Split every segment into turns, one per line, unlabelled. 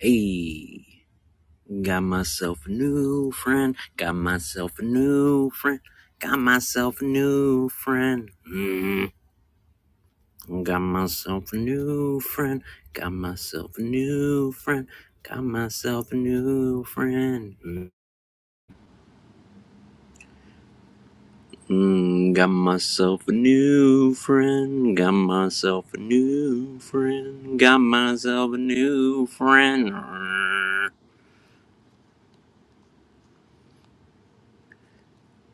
Hey, got myself a new friend. Got myself a new friend. Got myself a new friend. Mm, got myself a new friend. Got myself a new friend. Got myself a new friend. Mm, got myself a new friend. Got myself a new friend. Got myself a new friend.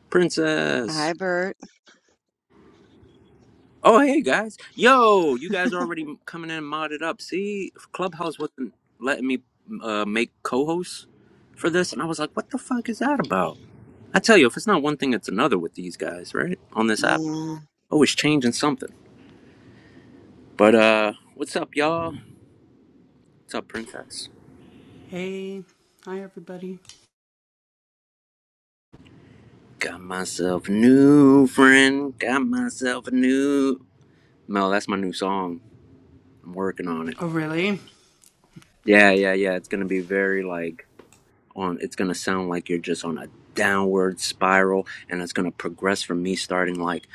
Princess.
Hi, Bert.
Oh, hey guys. Yo, you guys already m- coming in modded up. See, Clubhouse wasn't letting me uh, make co hosts for this. And I was like, what the fuck is that about? I tell you, if it's not one thing, it's another with these guys, right? On this app.
Mm,
Always changing something. But uh, what's up, y'all? What's up, Princess? Got myself a new friend. Got myself a new. Mel, that's my new song. I'm working on it. Yeah, yeah, yeah. It's going to be very like on it's going to sound like you're just on a downward spiral and it's going to progress from me starting like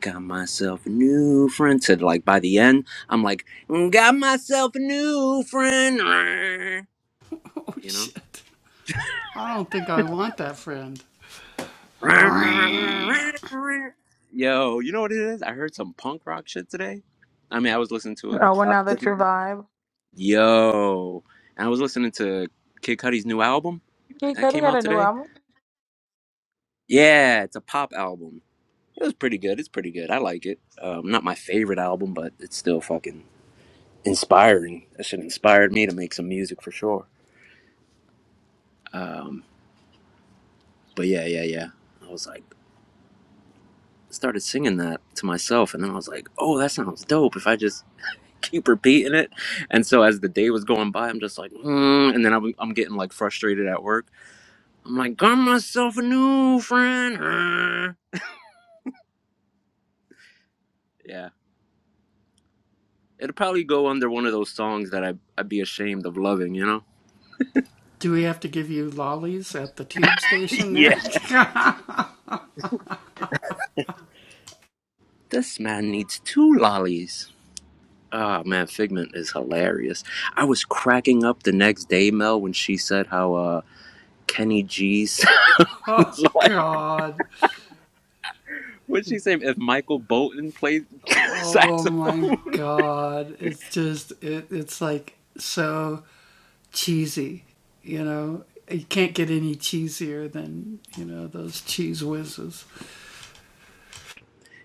got myself a new friend to like by the end i'm like got myself a new friend you know yo you know what it is i heard some punk rock shit today i mean i was listening to a
Oh, well,
lot
now
of
that your
different
vibe.
yo i was listening to kid cudi's new album
Yeah,
that
Cuddy
came
got
out
a new
today
album.
yeah it's a pop album It was pretty good. It's pretty good. I like it. Um, not my favorite album, but it's still fucking inspiring. That shit inspired me to make some music for sure. Um, but yeah, yeah, yeah. I was like, started singing that to myself, and then I was like, oh, that sounds dope. If I just keep repeating it, and so as the day was going by, I'm just like, mm, and then I'm, I'm getting like frustrated at work. I'm like, got myself a new friend. uh." Yeah, it'll probably go under one of those songs that I I'd be ashamed of loving, you know? yeah. This man needs two lollies. Ah, man, Figment is hilarious. I was cracking up the next day, Mel, when she said how uh Kenny G sounds like what'd she say? If Michael Bolton played saxophone.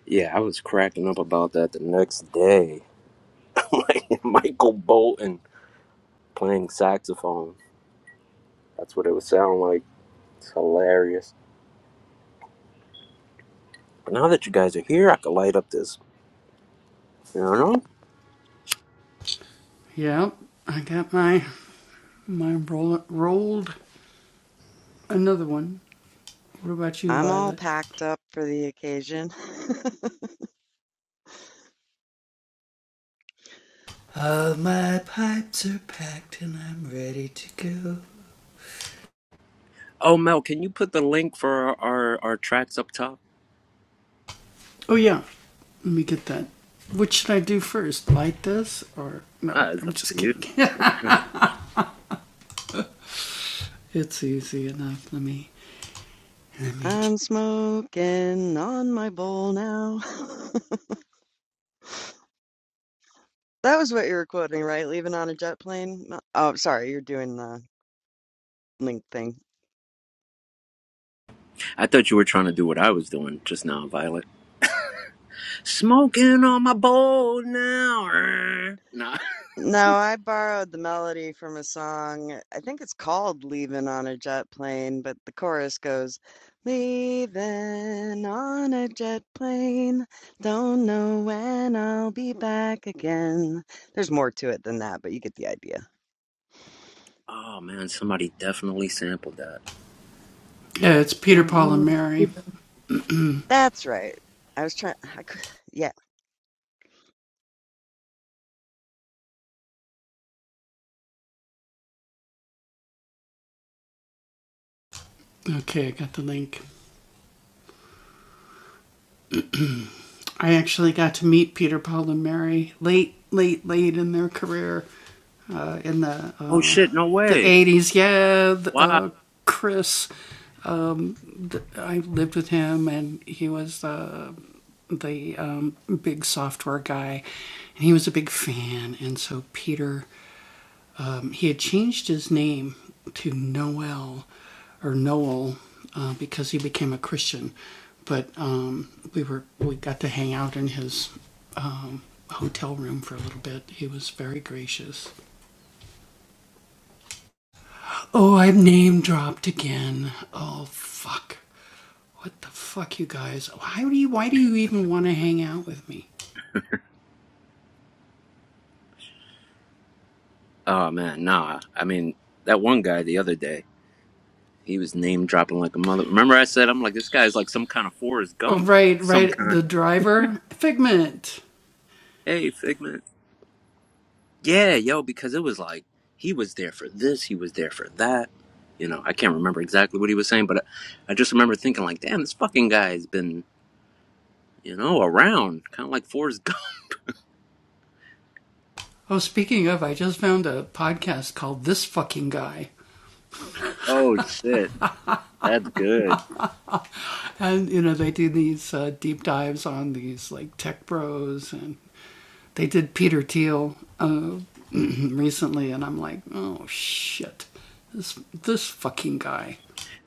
yeah, I was cracking up about that the next day. Like, Michael Bolton playing saxophone. That's what it would sound like. It's hilarious. But now that you guys are here, I could light up this. You know?
I'm all packed up for the occasion.
Oh, Mel, can you put the link for our, our, our tracks up top? Ah, it's up to you.
I'm smoking on my bowl now. That was what you were quoting, right? Leaving on a jet plane? No- Oh, sorry, you're doing the link thing.
I thought you were trying to do what I was doing just now, Violet. Smoking on my bowl now. er. Nah.
No, I borrowed the melody from a song. I think it's called Leaving on a Jet Plane, but the chorus goes, Leaving on a jet plane, don't know when I'll be back again. There's more to it than that, but you get the idea.
Oh man, somebody definitely sampled that.
That's right. I was trying, I, cou- yeah,
Oh shit, no way. Wow. Oh man, nah. I mean, that one guy the other day, he was name dropping like a mother. Remember I said I'm like this guy's like some kind of Forrest Gump of some kind. Hey, Figment. Yeah, yo, because it was like he was there for this, he was there for that. You know, I can't remember exactly what he was saying, but I, I just remember thinking like, damn, this fucking guy's been, you know, around, kind of like Forrest Gump. Oh shit, that's good.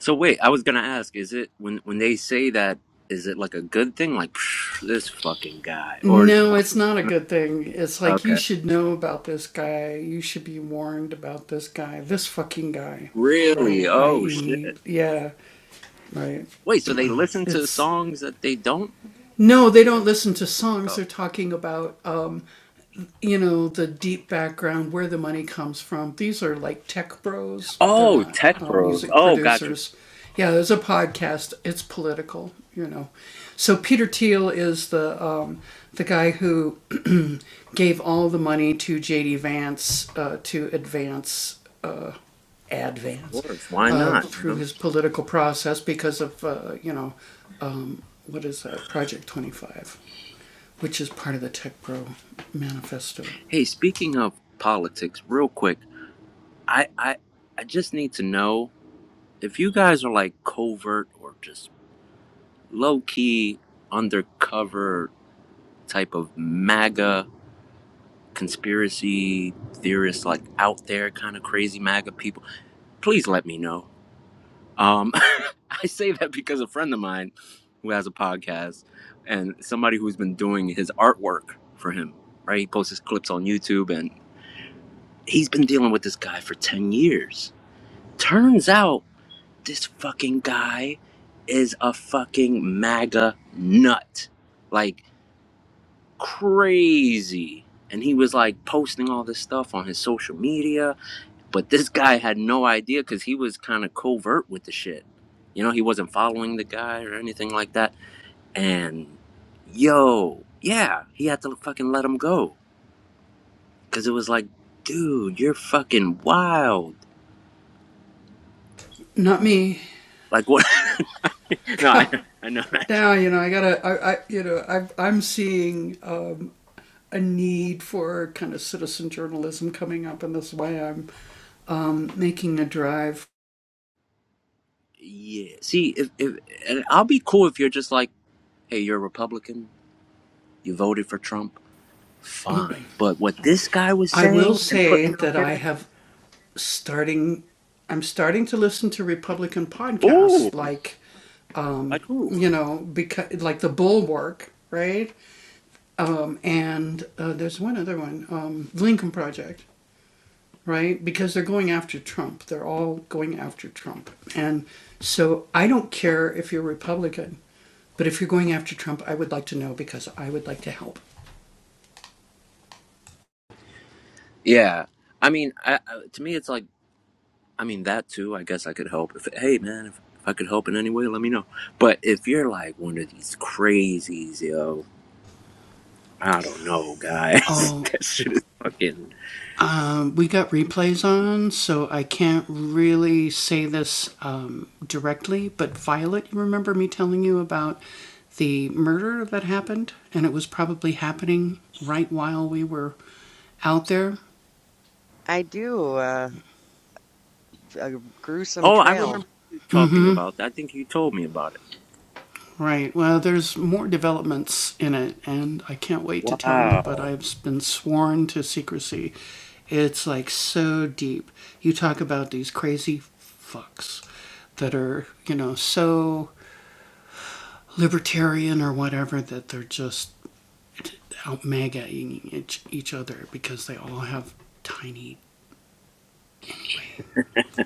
So wait, I was gonna ask, is it when when they say that, is it like a good thing, like "Psh, this fucking guy, or it's more? Okay, really? Oh shit. Wait, so they listen to songs that they don't? like? Oh, Oh, tech bros. Oh, gotcha. Of course, why not? You know. Hey, speaking of politics, real quick, I I I just need to know if you guys are like covert or just low key undercover type of MAGA conspiracy theorists, like out there kind of crazy MAGA people. Please let me know. Um, I say that because a friend of mine who has a podcast and somebody who's been doing his artwork for him, right? He posts his clips on YouTube he's been dealing with this guy for 10 years. Turns out this fucking guy is a fucking MAGA nut. Like crazy. And he was like posting all this stuff on his social media, but this guy had no idea because he was kind of covert with the shit. You know, he wasn't following the guy or anything like that. And yo, yeah, he had to fucking let him go because it was like, dude, you're fucking wild. Like, what? No, I, I know that. Yeah. See, if, if and I'll be cool if you're just like, hey, you're a Republican, you voted for Trump, fine. But what this guy was saying and putting out there, ooh, like who? Yeah. I mean, I, I, to me, it's like, I mean, that too. I guess I could help. If hey, man, if, if I could help in any way, let me know. But if you're like one of these crazies, yo, I don't know, guys. that shit is fucking.
I do uh, a gruesome
Oh, I
trail.
remember you talking about that. I think you told me about it. Wow.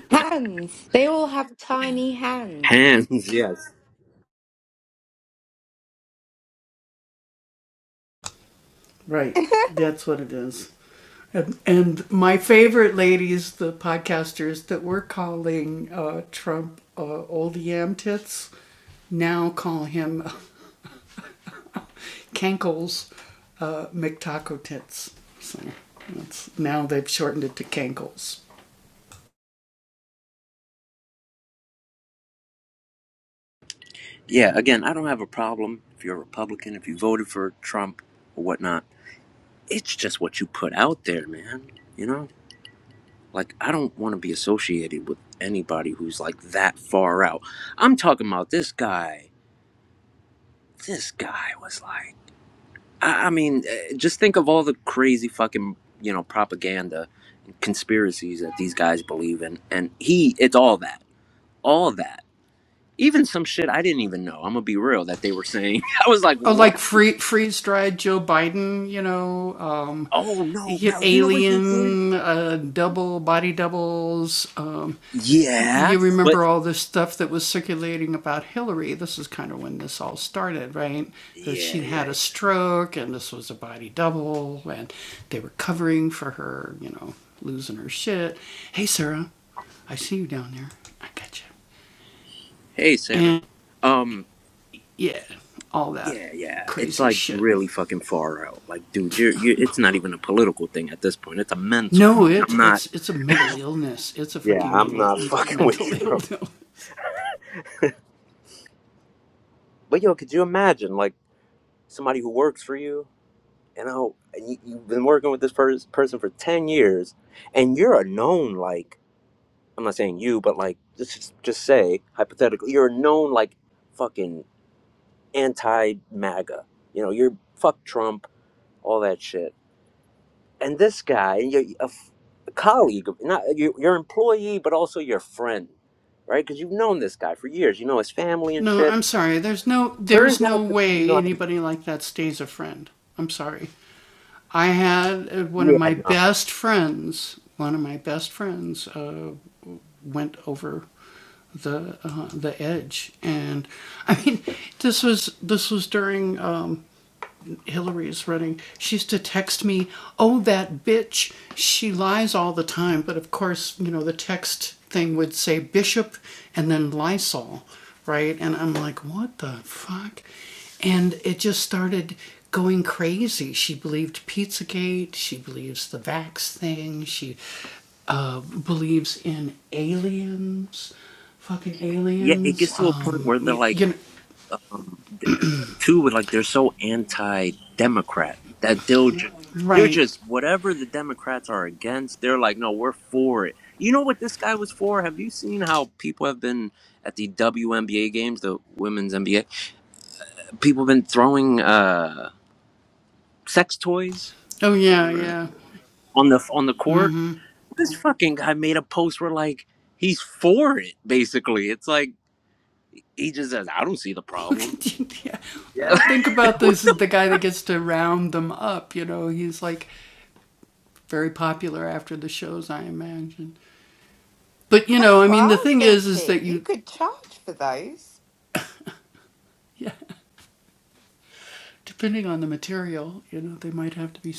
Hands. They all have tiny hands.
Hands, yes.
That's
Yeah, again, I don't have a problem if you're a Republican, if you voted for Trump or whatnot. It's just what you put out there, man. You know? Like, I don't want to be associated with anybody who's like that far out. I'm talking about this guy. This guy was like, I, I mean, eh, just think of all the crazy fucking, you know, propaganda and conspiracies that these guys believe in. And he, it's all that. All that. Even some shit I didn't even know. I'm gonna be real that they were saying. I was like, "What? Oh no, Mel! You know what he did? Yeah, but yeah, yeah. Hey, Sarah. Um, yeah, yeah. It's like really fucking far out. Like, dude, you're, you're. It's not even a political thing at this point. It's a mental thing. I'm not. Yeah, I'm not fucking with you, bro. But yo, could you imagine like somebody who works for you? You know, and you, you've been working with this pers- person for ten years, and you're a known like. I'm not saying you, but like let's just just say hypothetically, you're a known like fucking anti MAGA. You know, you're fuck Trump, all that shit. And this guy, you're a, f- a colleague, of- not your your employee, but also your friend, right? Because you've known this guy for years. You know his family and shit. Turns out to be like, yeah, no, yeah. It gets to a point where they're like. too with like they're so anti-democrat that they'll ju- they're just whatever the democrats are against they're like no we're for it you know what this guy was for have you seen how people have been at the WNBA games the women's NBA people have been throwing uh sex toys r- on the on the court this fucking guy made a post where like he's for it basically it's like he just says I don't see the problem yeah what the,
what I was thinking. You could charge for those.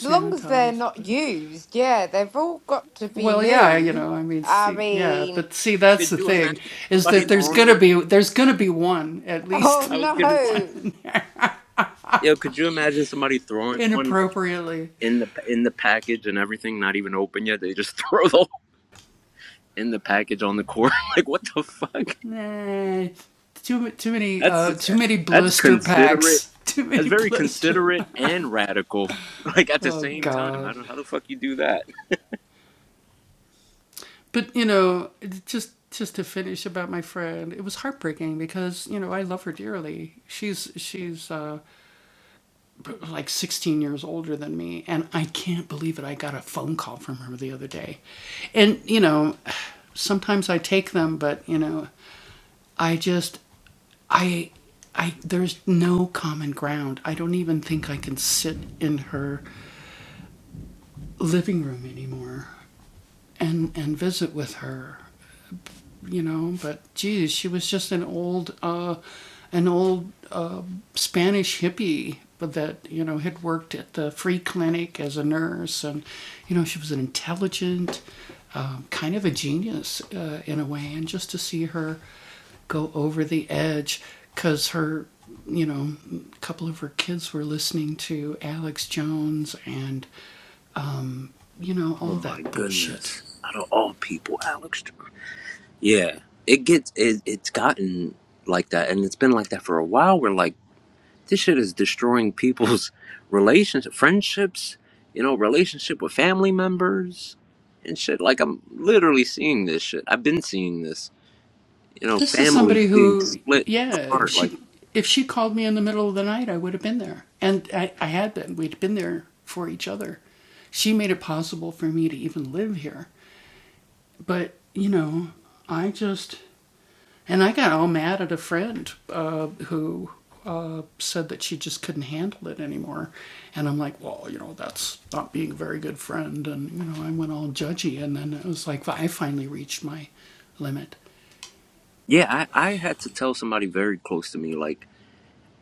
As long as they're not used, yeah, they've all got to be new. I mean,
could you imagine somebody throwing one
oh
I was gonna say,
no.
yo, could you imagine somebody throwing one like in the in the package and everything, not even open yet? They just throw the in the package on the court. like, what the fuck? That's that's considerate. That's very considerate and radical. Like at the same time, I don't how the fuck you do that. Oh my goodness! Out of all people, Alex. Yeah, it gets it, it's gotten like that, and it's been like that for a while. Where like This shit is destroying people's relations, friendships, you know, relationship with family members and shit. Like I'm literally seeing this shit. I've been seeing this, you know, families being split apart. Like, yeah, I, I had to tell somebody very close to me, like,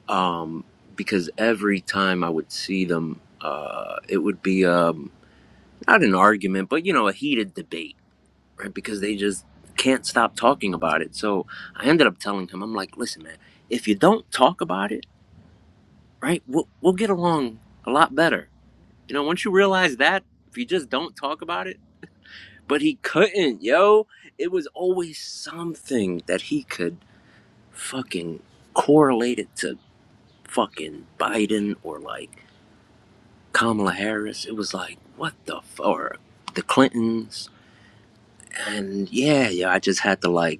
um, because every time I would see them, uh, it would be um, not an argument, but you know, a heated debate right? Because they just can't stop talking about it. So I ended up telling him, I'm like, listen, man, if you don't talk about it, right, we'll, we'll get along a lot better. You know, once you realize that, if you just don't talk about it, but he couldn't, yo. It was always something that he could fucking correlate it to fucking Biden or like Kamala Harris. It was like, what the fuck? Or the Clintons. And yeah, yeah, I just had to like,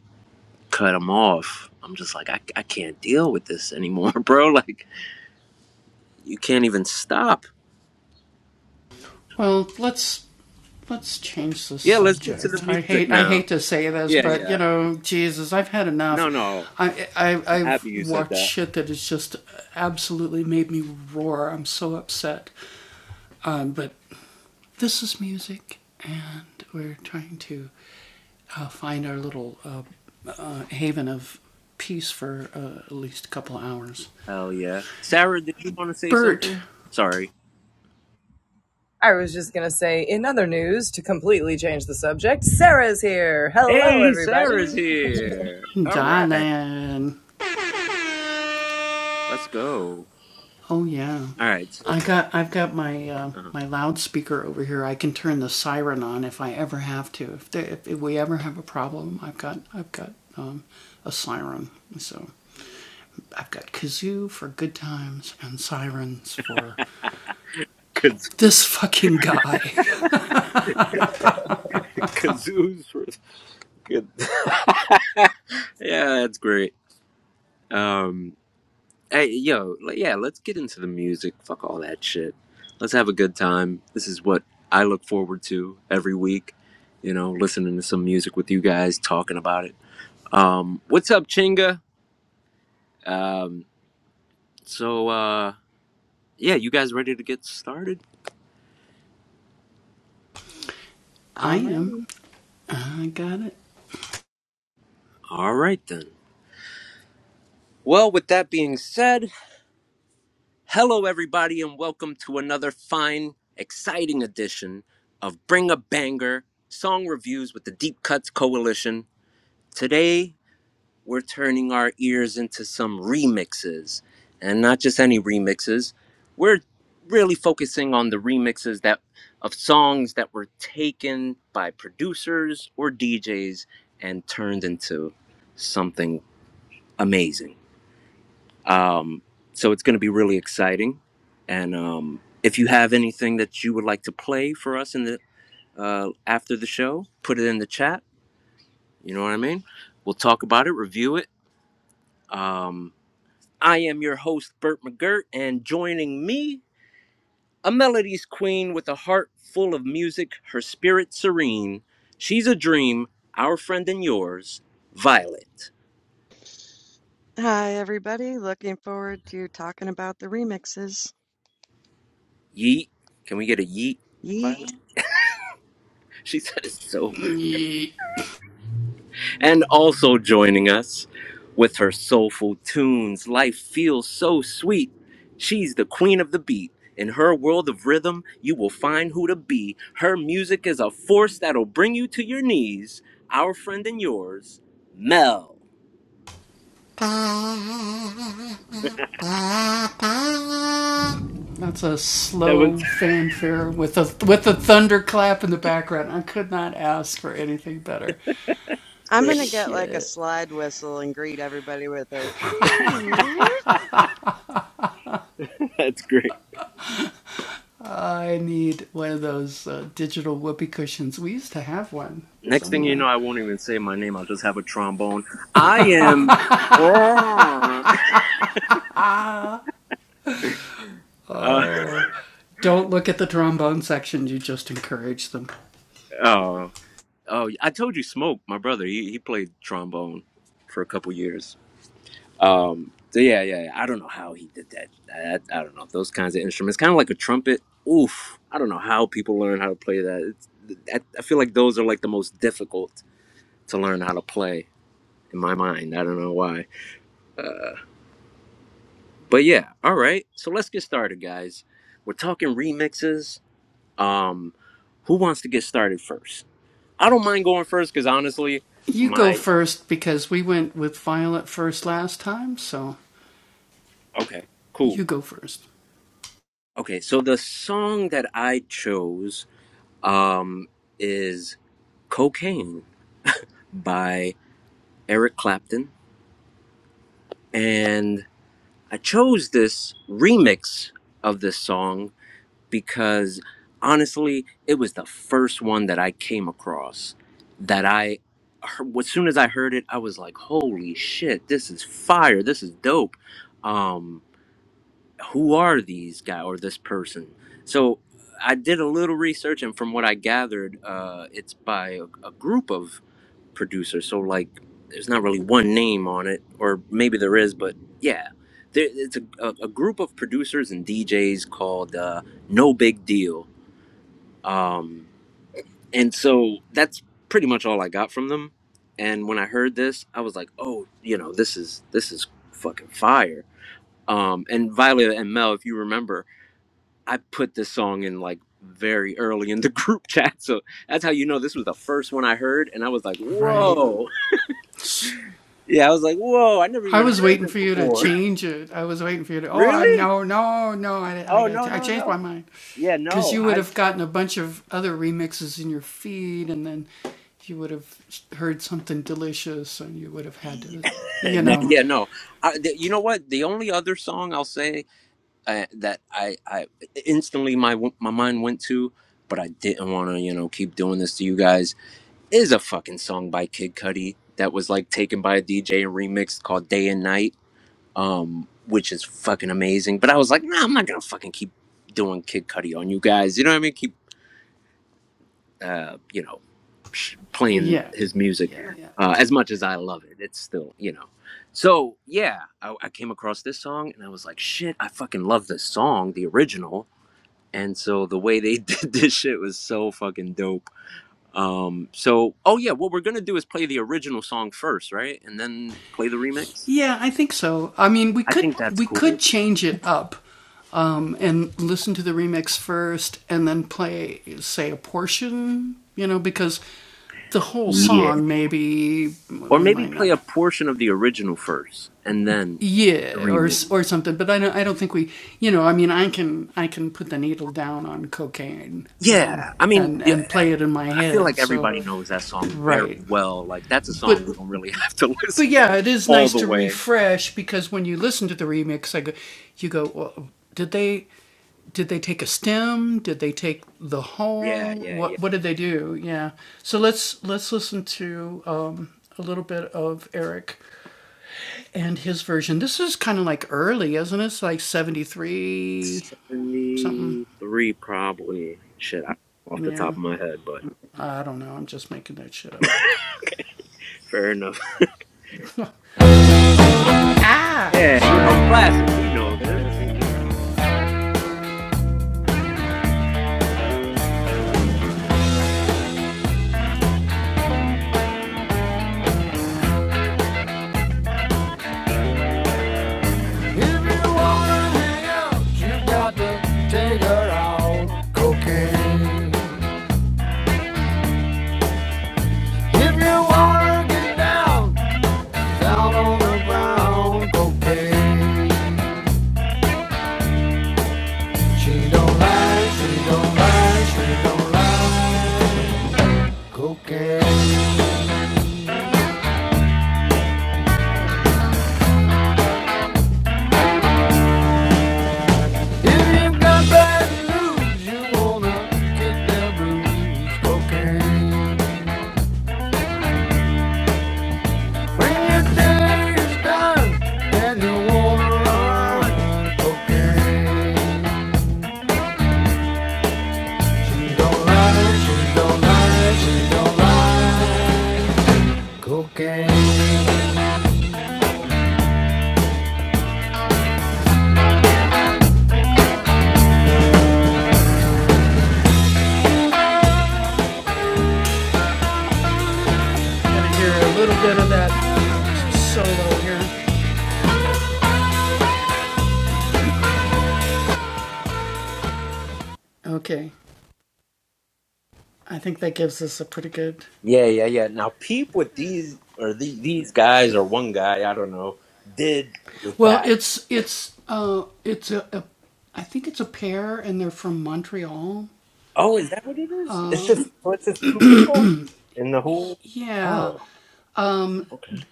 cut them off. I'm just like, I, I can't deal with this anymore, bro. Like, you can't even stop. Yeah, let's get to the music now. Yeah, yeah. Oh, You said that. hell yeah. Sarah, did you want to say something? Sorry.
I was just going to say, in other news, to completely change the subject, Sarah's here. Hello,
Hey, Sarah's
everybody.
here. All right. Let's go. All right. So, uh, Kazoos for good. yeah, that's great. Um, Hey, yo, le- yeah, let's get into the music. Fuck all that shit. Let's have a good time. This is what I look forward to every week. You know, listening to some music with you guys, talking about it. Um, what's up, Chinga? Um, so, uh, yeah, you guys ready to get started?
I'm ready.
All right, then. Well, with that being said, hello, everybody, and welcome to another fine, exciting edition of Bring a Banger Song Reviews with the Deep Cuts Coalition. Today, we're turning our ears into some remixes and not just any remixes we're really focusing on the remixes that of songs that were taken by producers or DJs and turned into something amazing um, so it's going to be really exciting and um, if you have anything that you would like to play for us in the uh, after the show put it in the chat you know what i mean we'll talk about it review it um, I am your host, Burt McGirt, and joining me, a melody's queen with a heart full of music, her spirit serene. She's a dream, our friend and yours, Violet.
Hi, everybody. Looking forward to talking about the remixes.
Yeet. Can we get a yeet,
Yeet.
Violet? She said it so and also joining us with her soulful tunes. Life feels so sweet. She's the queen of the beat. In her world of rhythm, you will find who to be. Her music is a force that'll bring you to your knees. Our friend and yours, Mel. That was
I'm gonna get like a slide whistle and greet everybody with a
that's great. Next thing you know, I won't even say my name. I'll just have a trombone. I am. Uh, oh, oh! I told you, Smoke, my brother. He he played trombone for a couple years. Um, so yeah, yeah, yeah. I don't know how he did that. I, I don't know those kinds of instruments, kind of like a trumpet. Oof, I don't know how people learn how to play that. It's, I, I feel like those are like the most difficult to learn how to play in my mind. I don't know why. Uh, but yeah, all right. So let's get started, guys. We're talking remixes. Um, who wants to get started first? I don't mind going first because honestly, my okay, cool. Okay, so the song that I chose um, is Cocaine by Eric Clapton. And I chose this remix of this song because honestly, it was the first one that I came across that I, as soon as I heard it, I was like, holy shit, this is fire. This is dope. Um, who are these guy or this person? So I did a little research, and from what I gathered, uh, it's by a, a group of producer. So like, there's not really one name on it, or maybe there is, but yeah, there, it's a, a, a group of producers and DJs called uh, No Big Deal, um, and so that's pretty much all I got from them. And when I heard this, I was like, oh, you know, this is this is fucking fire. Um, and Violet and Mel, if you remember, I put this song in like very early in the group chat, so that's how you know this was the first one I heard, and I was like, whoa, Yeah, I was like, whoa, I never even heard this before. really? Oh no, no, no. Yeah, no. I. No, yeah, no. I, the, you know what? The only other song I'll say uh, that I, I instantly my my mind went to, but I didn't want to, you know, keep doing this to you guys. Is a fucking song by Kid Cudi that was like taken by a DJ and remixed called "Day and Night," um, which is fucking amazing. But I was like, nah, I'm not gonna fucking keep doing Kid Cudi on you guys. You know what I mean? Keep, uh, you know playing his music uh, as much as I love it. It's still, you know. So yeah, I, I came across this song and I was like, shit, I fucking love this song, the original. And so the way they did this shit was so fucking dope. Um, so oh yeah, what we're gonna do is play the original song first, right? And then play the remix. I think that's cool. Yeah. Or maybe play a portion of the original first and then the remix. Yeah. I mean, the I feel like everybody knows that song very well. Like that's a song we don't really have to listen to all the way. Yeah, yeah, yeah. Seventy-three, probably. Shit, I off the top of my head, but fair enough. Yeah, you know, classic. We know this.
If you wanna hang out, you got to take her out. Cocaine. If you wanna get down, down on the ground. Cocaine. She don't lie, she don't lie, she don't lie. Cocaine. If you got bad news, you wanna get that blues. Cocaine. When your day is done and you wanna run, it's okay. She don't lie, she don't lie, she don't lie. Cocaine.
Yeah, yeah, yeah. Now peep what these or the, these guys or one guy, I don't know, did with that. Oh, is that what it is? It's just so it's just two people in the whole. Oh, okay.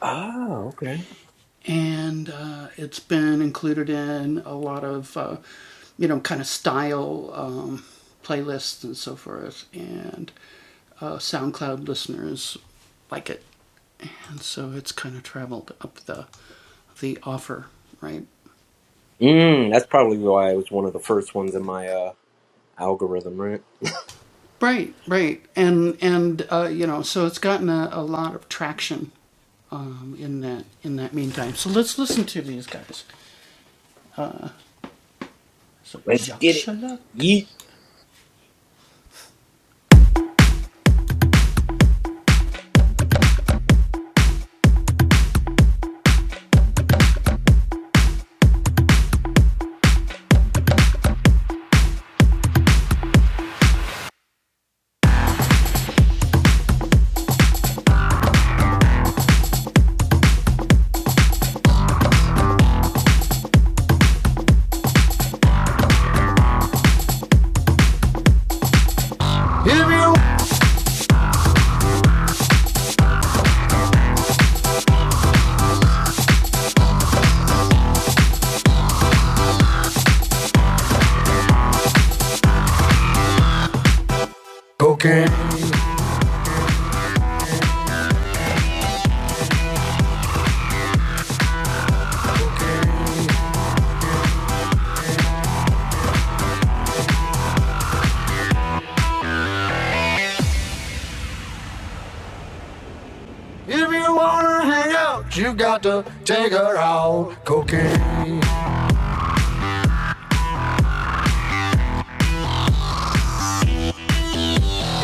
Oh, okay. Mm, that's probably why it was one of the first ones in my uh, algorithm, right? Let's get it. Yeet.
If you cocaine. If you wanna hang out, you got to take her out. Cocaine.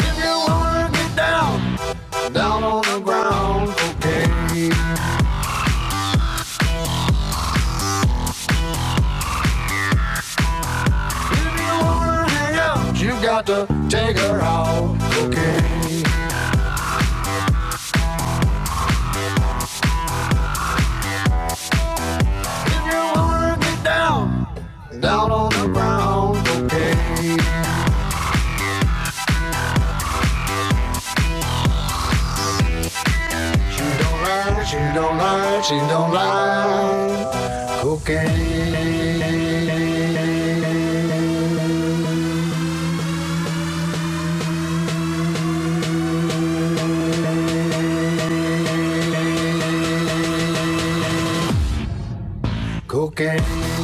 If you wanna get down down on the ground, Cocaine. If you wanna hang out, you got to take her out, Cocaine. If you wanna get down, down on the ground, okay. She don't lie, she don't lie, she don't lie. Cocaine, cocaine,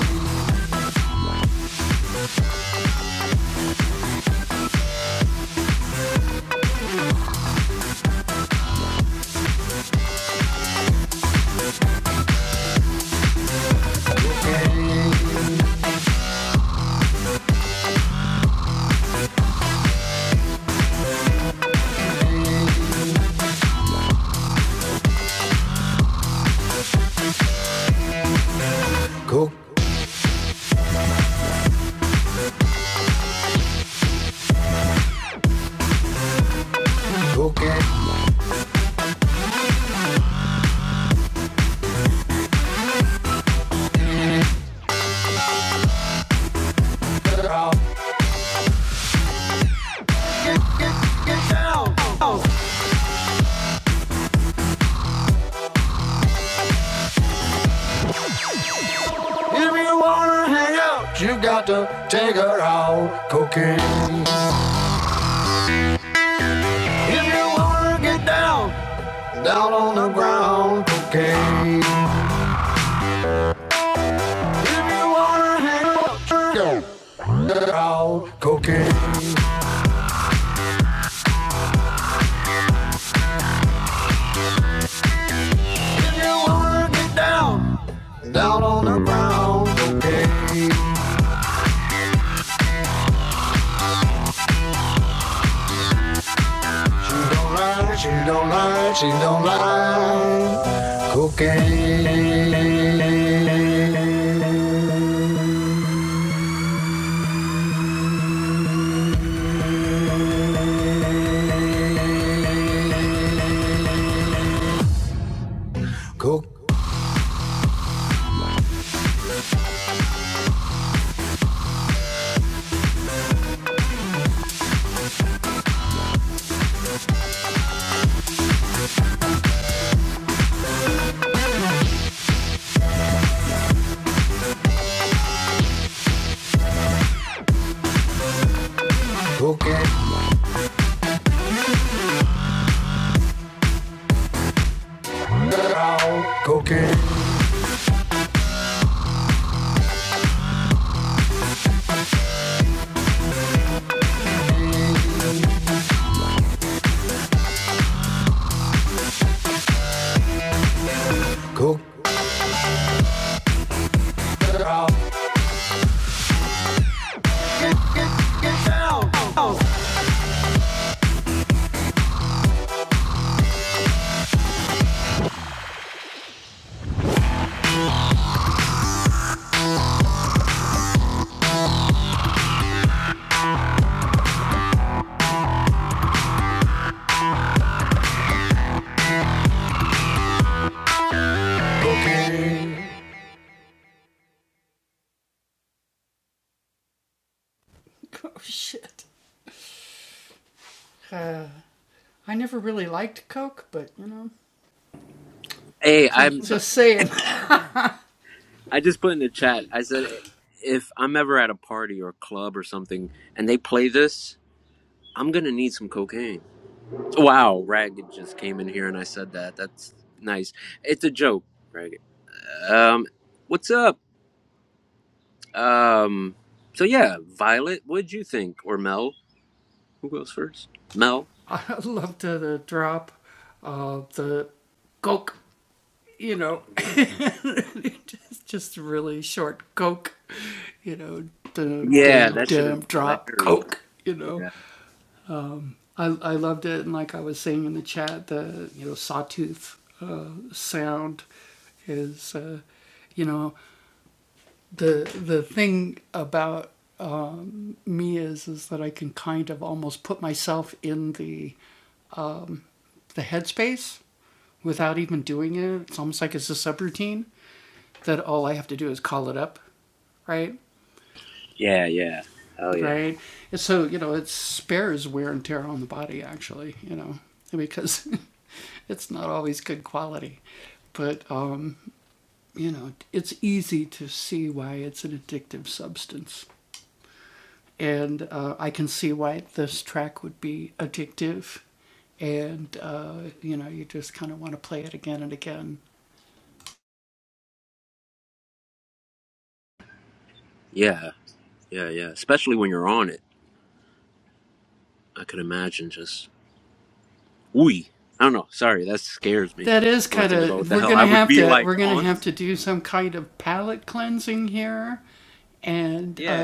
coke, cocaine. Get out, get down. If you wanna hang out, you got to take her out. Cocaine. If you wanna get down, down on the ground. Cocaine. If you wanna hang out, out, cocaine. If you wanna get down, down on the ground, cocaine. She don't lie, she don't lie, she don't lie. Cocaine, coke, cocaine, get out, cocaine, cocaine, out.
Hey, I'm. So, I just put in the chat. I said, if I'm ever at a party or a club or something, and they play this, I'm gonna need some cocaine. Wow, Ragged just came in here and I said that. That's nice. It's a joke, Ragged. Um, what's up? Um, so yeah, Violet, what'd you think? Or Mel? Who goes first? Mel. Yeah, that shit is hilarious. Yeah. Yeah, yeah. Oh yeah. Yeah, yeah, yeah. Especially when you're on it. I could imagine just ooey. I don't know. Sorry, that scares me when I think about what the hell I would be like on Yeah.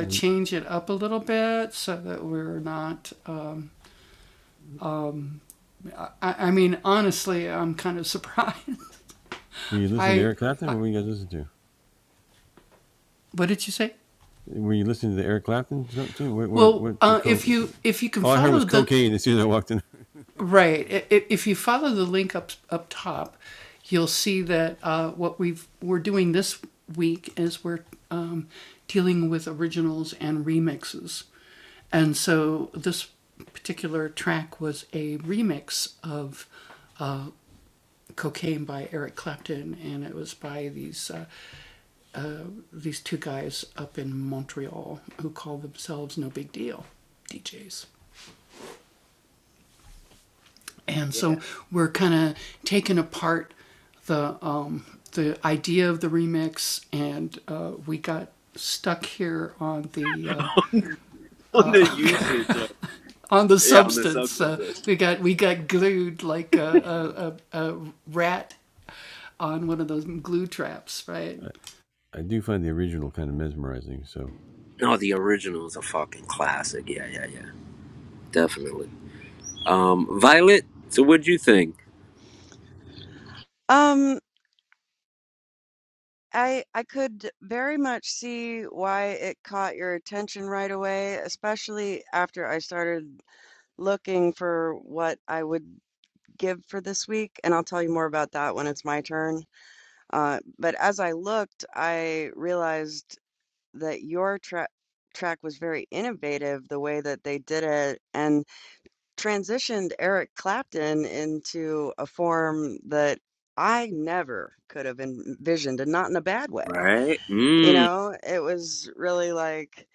Yeah. on the usage of yeah, on the substances. No, the original is a fucking classic. Yeah, yeah, yeah. Definitely. Um Violet, so what'd you think?
um I I could very much see why it caught your attention right away, especially after I started looking for what I would give for this week, and I'll tell you more about that when it's my turn. Uh, but as I looked, I realized that your track track was very innovative the way that they did it and transitioned Eric Clapton into a form that I never could have envisioned, and not in a bad way.
Right?
You
Mmm.
know, it was really like,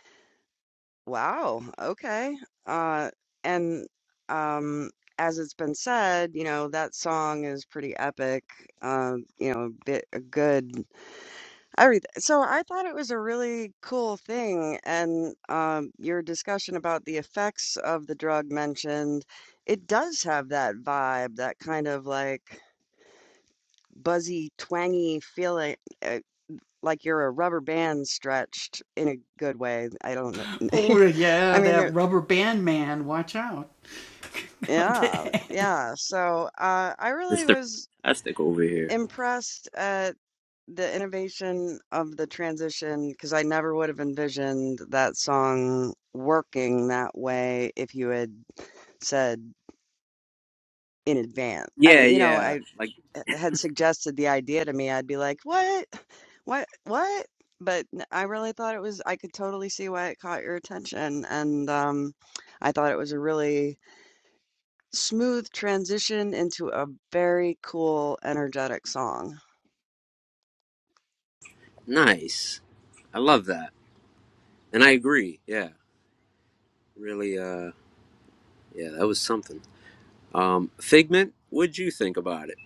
wow, okay. Uh, and um, as it's been said, you know, that song is pretty epic. Uh, you know, a bit a good. Everything. So I thought it was a really cool thing, and um, your discussion about the effects of the drug mentioned, it does have that vibe, that kind of like buzzy, twangy feeling, uh, like you're a rubber band stretched in a good way. I don't know. I mean, there, yeah, yeah. So uh, I really
Mr.
was
Fantastic over here.
impressed at. the innovation of the transition because I never would have envisioned that song working that way if you had said in advance. I
Yeah,
mean, you know,
yeah.
I
Like
eh, had suggested the idea to me, I'd be like, "What? What? What?" But n- I really thought it was I could totally see why it caught your attention and um I thought it was a really smooth transition into a very cool energetic song.
nice. I love that. And I agree. Yeah. Really uh Yeah, that was something. Um, Figment, what'd you think about it?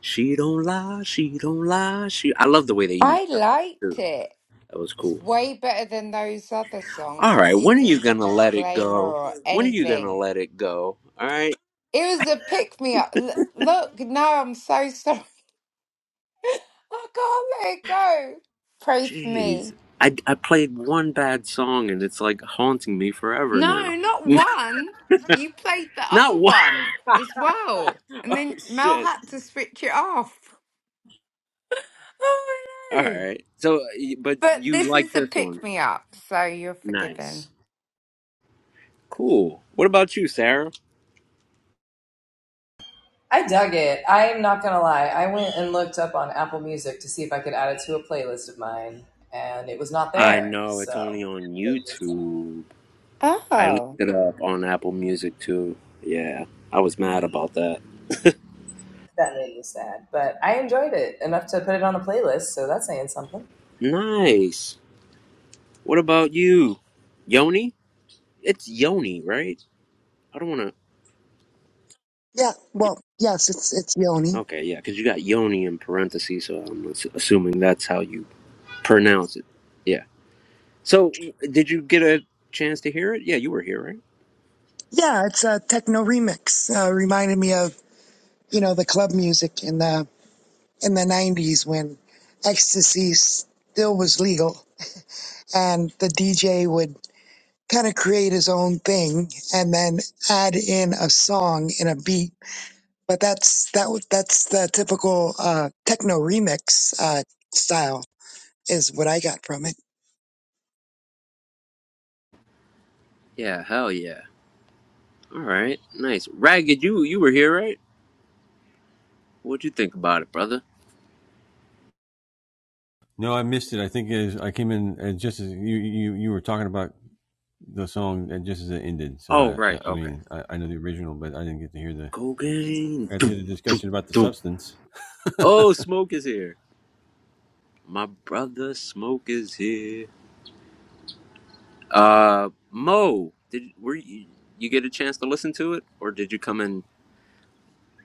She don't lie, she don't lie, she. I love the way they used
I
that part
liked
too.
it.
That was
It's
cool.
way better than those other
All
songs. You
right, when
didn't
are you
need a
gonna let it
disclaimer
go?
or
When are you gonna
anything.
let it go? All right,
It was a pick me up. L- look, no, I'm so sorry. I can't let it go. Pray for me.
jeez, I I played one bad song and it's like haunting me forever
No,
now.
not one. You played the
Not
other
one.
one as well. And
oh
then Mel
shit.
had to switch it off. Oh, I
All
know.
right. So, but
But
you
this
like
is a
this one?
pick me up, so you're forgiven.
Nice. Cool. What about you, Sarah?
I dug it. I am not going to lie. I went and looked up on Apple Music to see if I could add it to a playlist of mine, and it was not
I
there.
know it's
So
only on YouTube. I looked
Oh,
it up on Apple Music too. Yeah, I was mad about that.
that made me sad. But I enjoyed it enough to put it on a playlist, so that's saying something.
Nice. What about you, Yoni? It's Yoni, right? I don't want
Yeah, well, yes, it's it's
to.
Yoni.
Okay, yeah, because you got Yoni in parentheses, so I'm ass- assuming that's how you pronounce it. Yeah. So, w- did you get a chance to hear it? Yeah, you were here, right?
Yeah, it's a techno remix. Uh, reminded me of you know the club music in the in the '90s when ecstasy still was legal, and the DJ would kind of create his own thing and then add in a song in a beat. But that's that w- that's the typical uh, techno remix uh, style is what I got from it.
Yeah. Hell yeah. All right. Nice. Ragged, you you were here, right? What'd you think about it, brother? Oh, right. Okay. Cocaine. Doom, doom, doom. Oh, Smoke is here. My brother Smoke is here. Uh, Mo, did were you, you get a chance to listen to it, or did you come in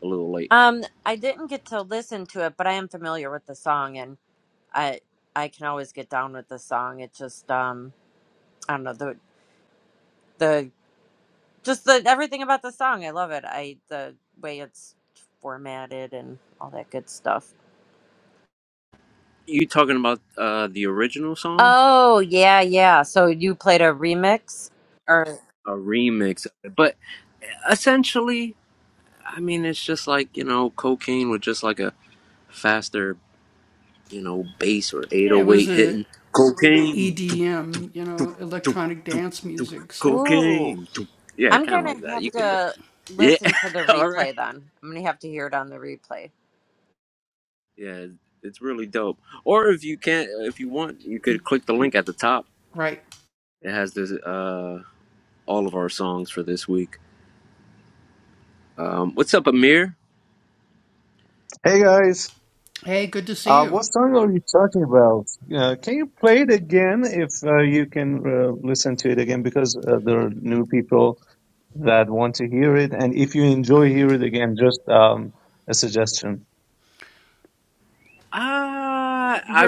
a little late?
Um, I didn't get to listen to it, but I am familiar with the song, and I I can always get down with the song. It just um I don't know the the just the everything about the song. I love it. I the way it's formatted and all that good stuff.
You talking about uh the original song,
Oh yeah, yeah. So you played a remix, or
a remix, of it. but essentially, I mean, it's just like you know, cocaine with just like a faster you know, bass or 808 hitting cocaine, doop, doop, doop, doop, doop, doop.
ooh,
cocaine. doop. Yeah,
I'm
kind of
gonna
like that.
have
You get the
to
yeah.
listen to the
All right.
replay then. I'm gonna have to hear it on the replay.
Yeah, it's really dope. Or if you can't, if you want, you could click the link at the top. It has this uh all of our songs for this week. Um, what's up, Amir?
Hey guys, uh, what song are you talking about? Uh, can you play it again if uh, you can uh, listen to it again? Because uh, there are new people that want to hear it, and if you enjoy hear it again, just um, a suggestion.
Ah, I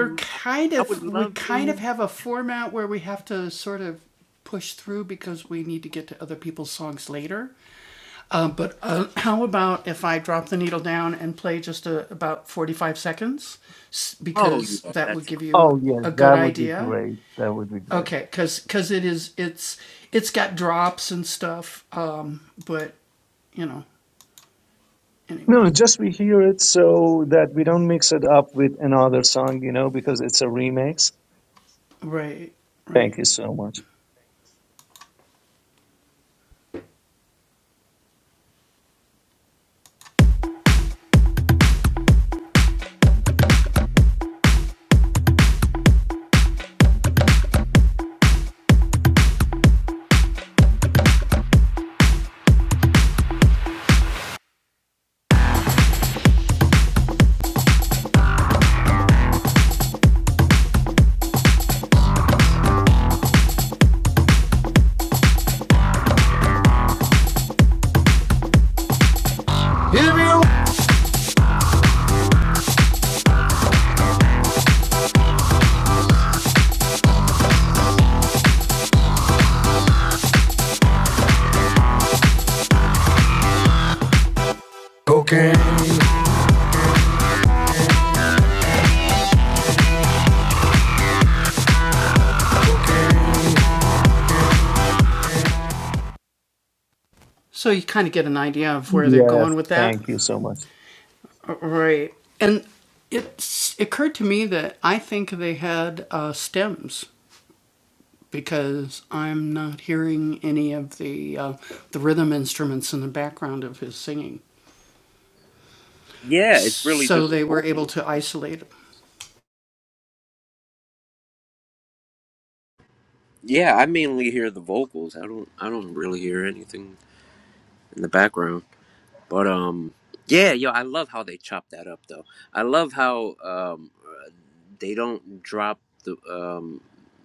I would love to. Oh yeah, that's
Oh yes, that would be great. That would be great. No, just we hear it so that we don't mix it up with another song, you know, because it's a remix. Thank you so much.
If you Cocaine.
Yes, thank you so much.
yeah. It's really just open. Yeah, I mainly hear the vocals. I don't I don't really hear anything in the background. But um yeah, yo, I love how they chop that up though. I love how um uh, they don't drop the um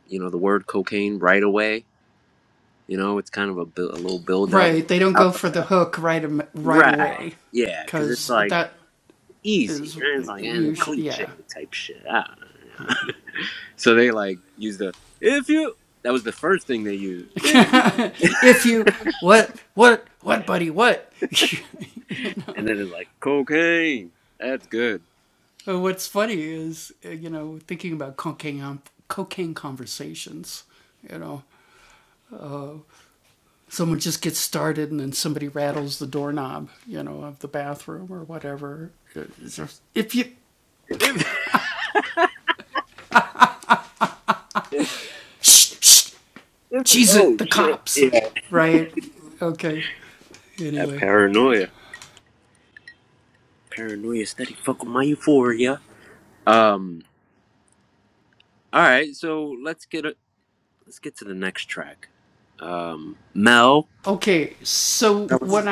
you know the word cocaine right away. You know, it's kind of a, bu- a little build up. I love that. Right. Yeah, cuz it's like easy. And it's like and cliche type shit. I don't know. so they like use the if you that was the first thing they used. And then it's like, cocaine. That's good. If- oh, shit. Yeah. That paranoia. Paranoia steady Fuck with my euphoria. Um, all right. So let's get a, let's get to the next track. Um, Mel. That was-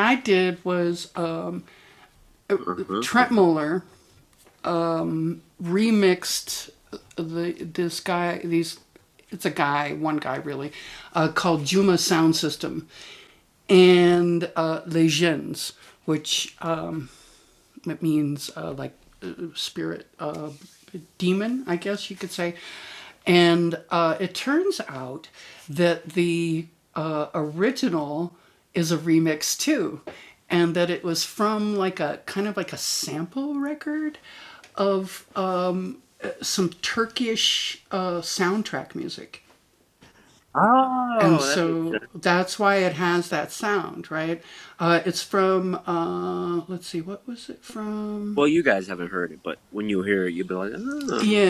Uh-huh, uh-huh. Oh, that makes sense. Well, you guys haven't heard it, but when you hear it, you'll be like, oh,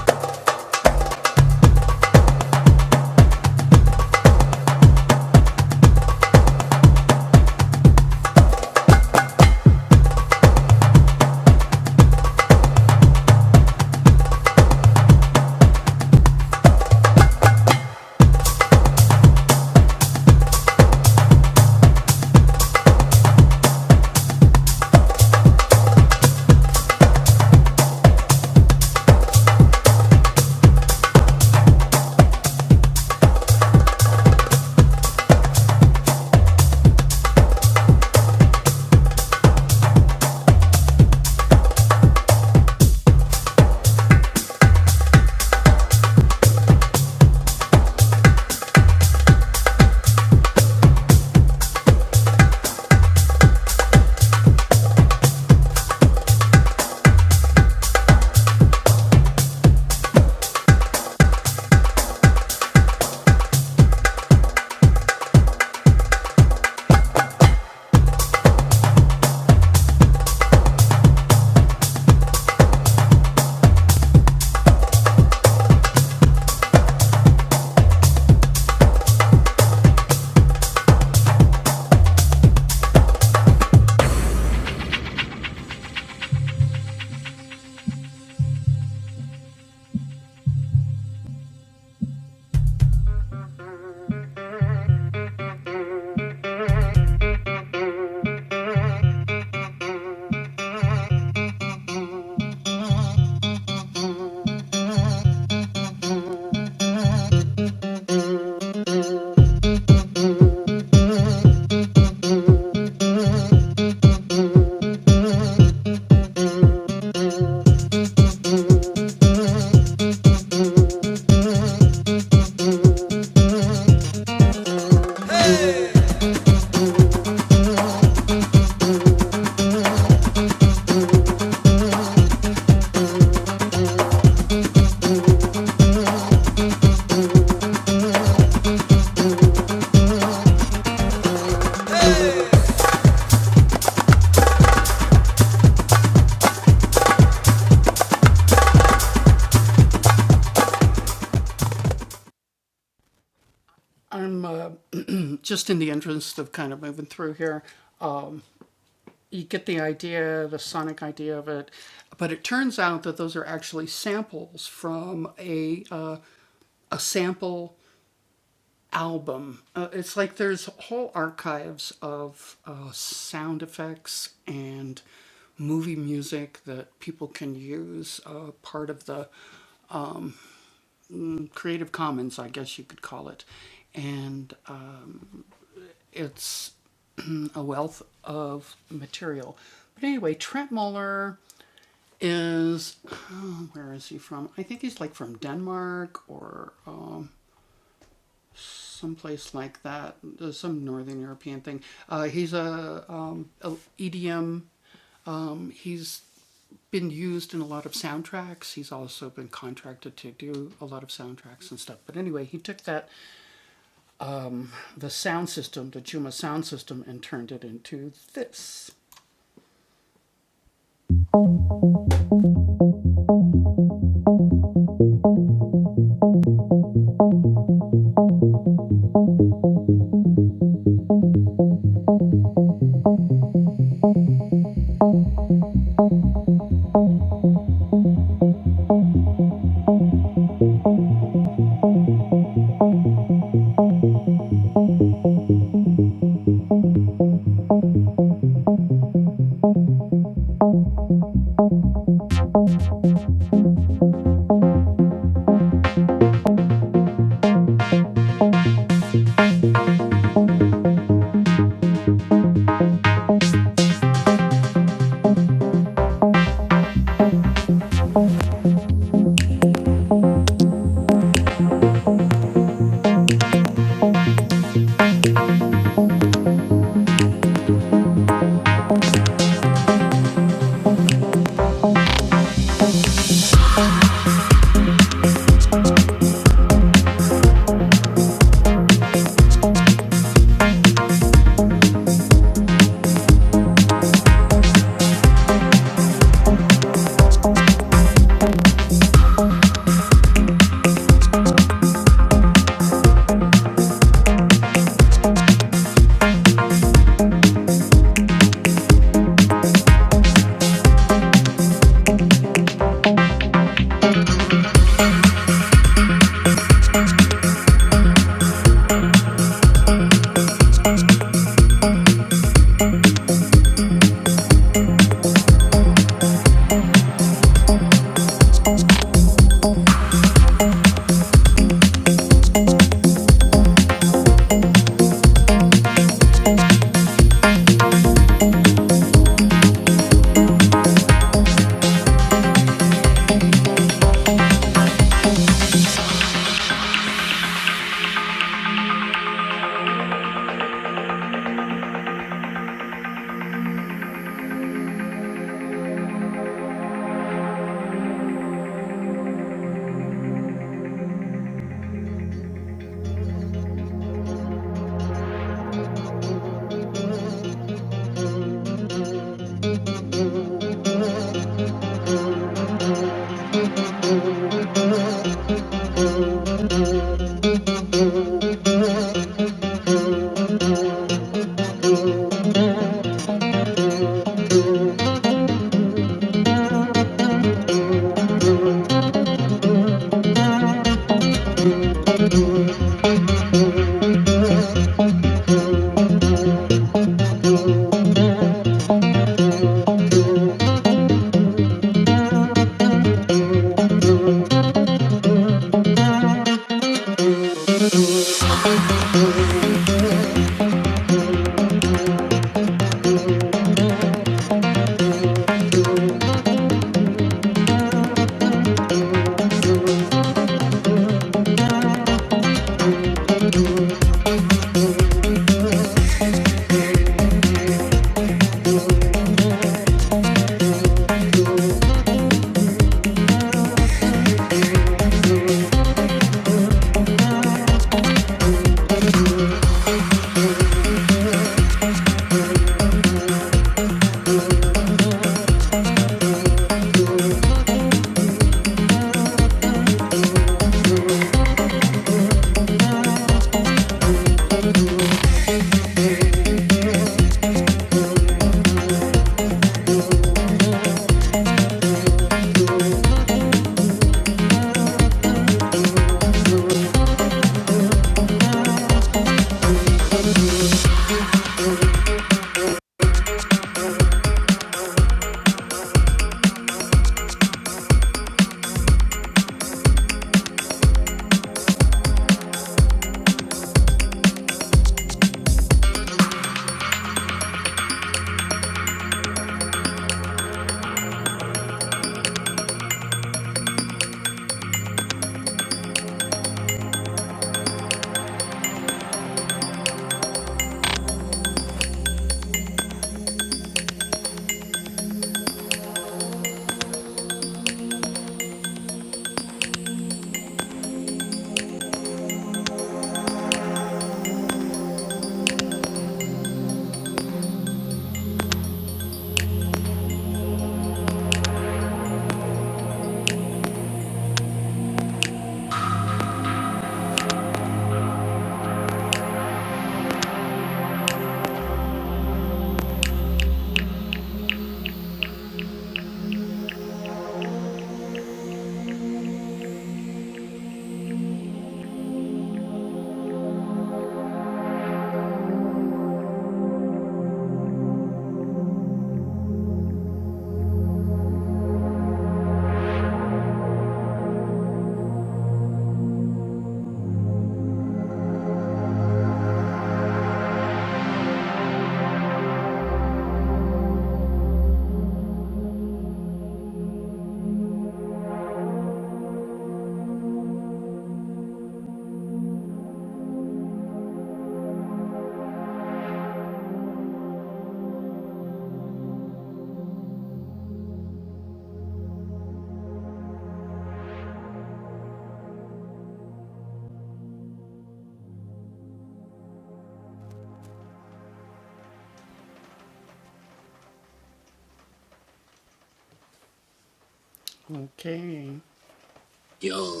yo,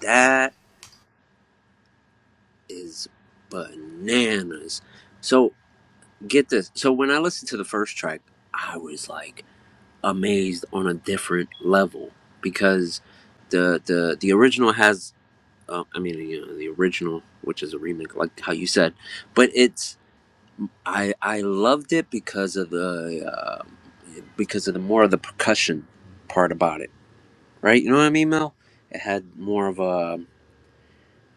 that is bananas. So get this. So when I listened to the first track, I was like, amazed on a different level because the the the original has uh, I mean you know, the original which is a remake like how you said but it's I I loved it because of the uh, because of the more of the percussion part about it right you know what I mean Mel it had more of a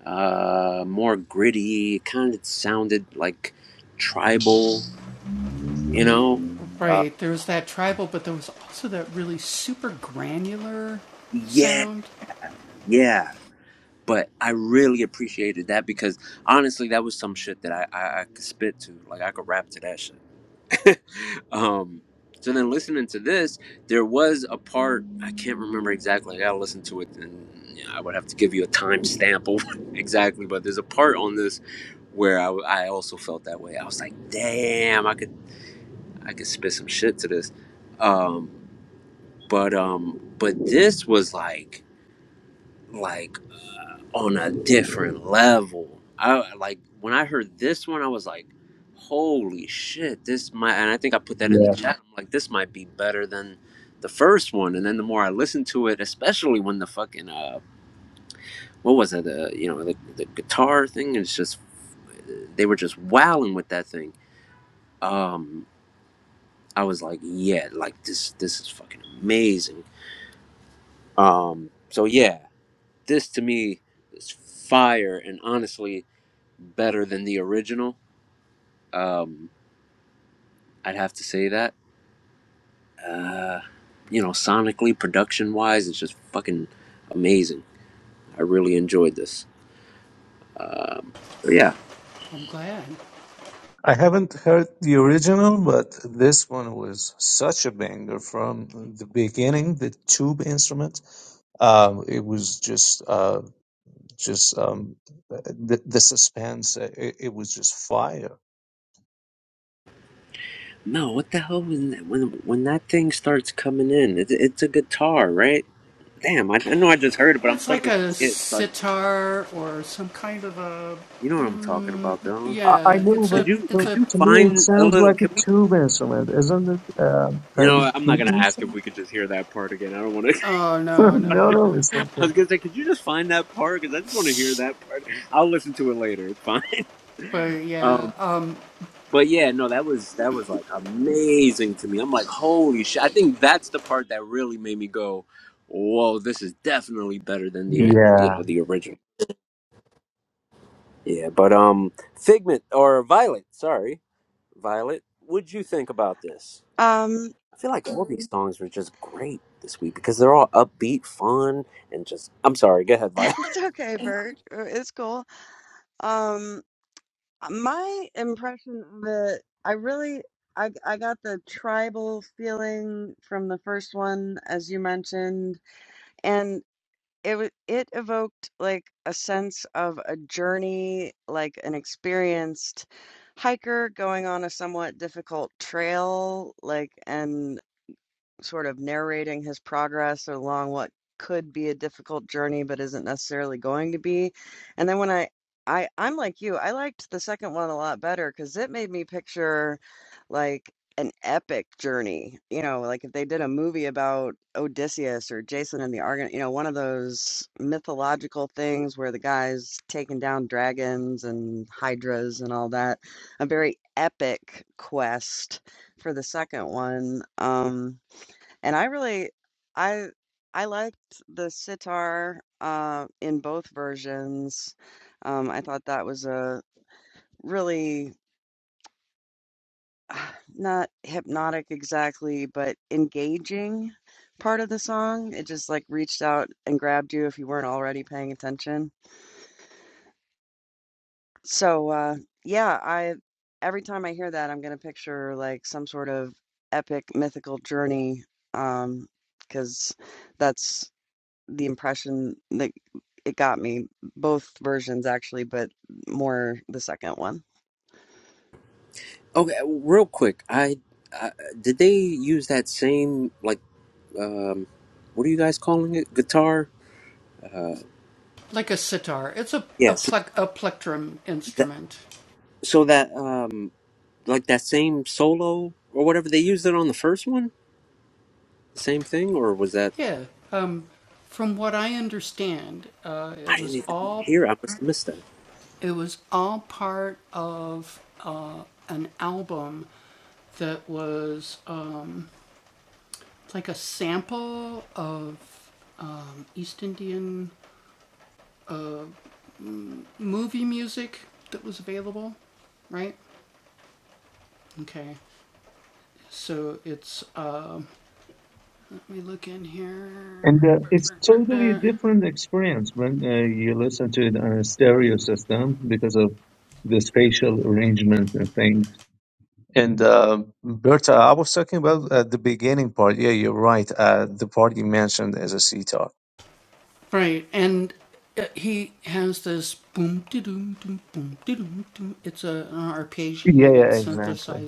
uh, more gritty kind of sounded like tribal you know uh, yeah yeah but I really appreciated that because honestly, that was some shit that I, I, I could spit to. Like I could rap to that shit. um, so then listening to this, there was a part I can't remember exactly. I gotta listen to it, and you know, I would have to give you a timestamp of exactly. But there's a part on this where I, I also felt that way. I was like, damn, I could I could spit some shit to this. Um, but um, but this was like like on a different level. I like when I heard this one, I was like, "Holy shit!" This might, and I think I put that in the
Yeah.
chat. I'm like, "This might be better than the first one." And then the more I listened to it, especially when the fucking uh, what was it? The you know the, the guitar thing. It's just they were just wowing with that thing. Um, I was like, "Yeah, like this, this is fucking amazing." Um, so yeah, this to me is fire, and honestly, better than the original Um, I'd have to say that. Uh, you know, sonically, production wise, it's just fucking amazing. I really enjoyed this. So, yeah.
I haven't heard the original, but this one was such a banger from the beginning. The tube instrument, um, it was just, uh, just um, the, the suspense. uh, It, it was just fire.
No, what the hell was that? when when that thing starts coming in? It, it's a guitar, right? Damn, I, I know I just heard it, but I'm starting to forget. Like, you know what I'm talking about, though.
I, I know, but
Could you could
to,
you
to me, it
find a
sounds
little?
like
Can
a
we?
tube instrument, isn't it? Um,
You
kind of
know, I'm not
tube
gonna ask if
instrument.
we could just hear that part again. I don't want to.
no, no, it's
I
okay.
was gonna say, could you just find that part? Because I just want to hear that part. I'll listen to it later. It's fine. Um, But yeah, no, that was that was like amazing to me. I'm like, holy shit! I think that's the part that really made me go, "Whoa, this is definitely better than the you
Yeah.
know the original." Yeah, but um, Figment or Violet, sorry, Violet, what'd you think about this?
Um
I feel like all these songs were just great this week because they're all upbeat, fun, and just. I'm sorry, go ahead, Violet.
it's okay, Bert. It's cool. Um Uh, My impression of it, I really, I, I got the tribal feeling from the first one, as you mentioned, and it wa- it evoked like a sense of a journey, like an experienced hiker going on a somewhat difficult trail, like and sort of narrating his progress along what could be a difficult journey but isn't necessarily going to be. And then when I I I'm like you, I liked the second one a lot better cuz it made me picture like an epic journey. You know, like if they did a movie about Odysseus or Jason and the Argon, you know, one of those mythological things where the guy's taking down dragons and hydras and all that. A very epic quest for the second one. Um and I really I I liked the sitar, uh, in both versions. Um, I thought that was a really ah, not hypnotic exactly, but engaging part of the song. It just like reached out and grabbed you if you weren't already paying attention. So, uh, yeah, I every time I hear that, I'm gonna picture like some sort of epic mythical journey, um, 'cause because that's the impression that it got me both versions actually but more the second one
Okay, real quick, I, I did they use that same like um, what are you guys calling it? Guitar? Yeah, That, so that um like that same solo or whatever they used it on the first one, same thing, or was that I didn't even hear. I must have missed that.
And uh, it's totally different experience when uh, you listen to it on a stereo system because of the spatial arrangement and things. And uh, Berta, I was talking about uh, the beginning part. Yeah, you're right. Uh, the part you mentioned as a sitar. Yeah, yeah, exactly.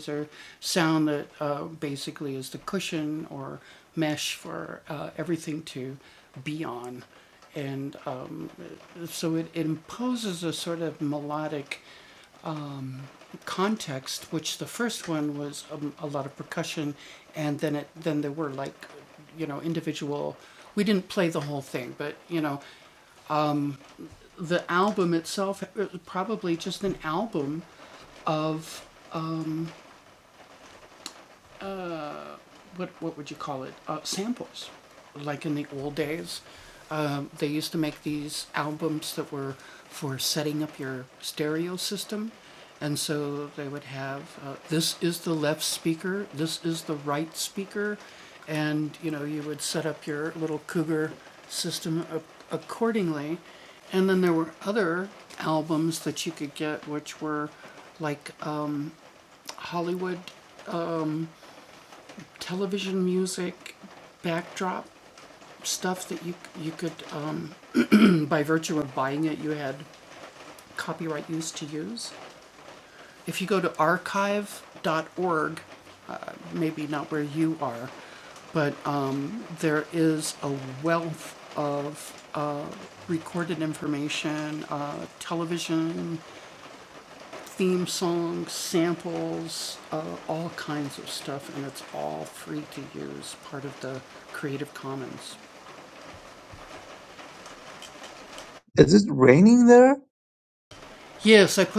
Is it raining there?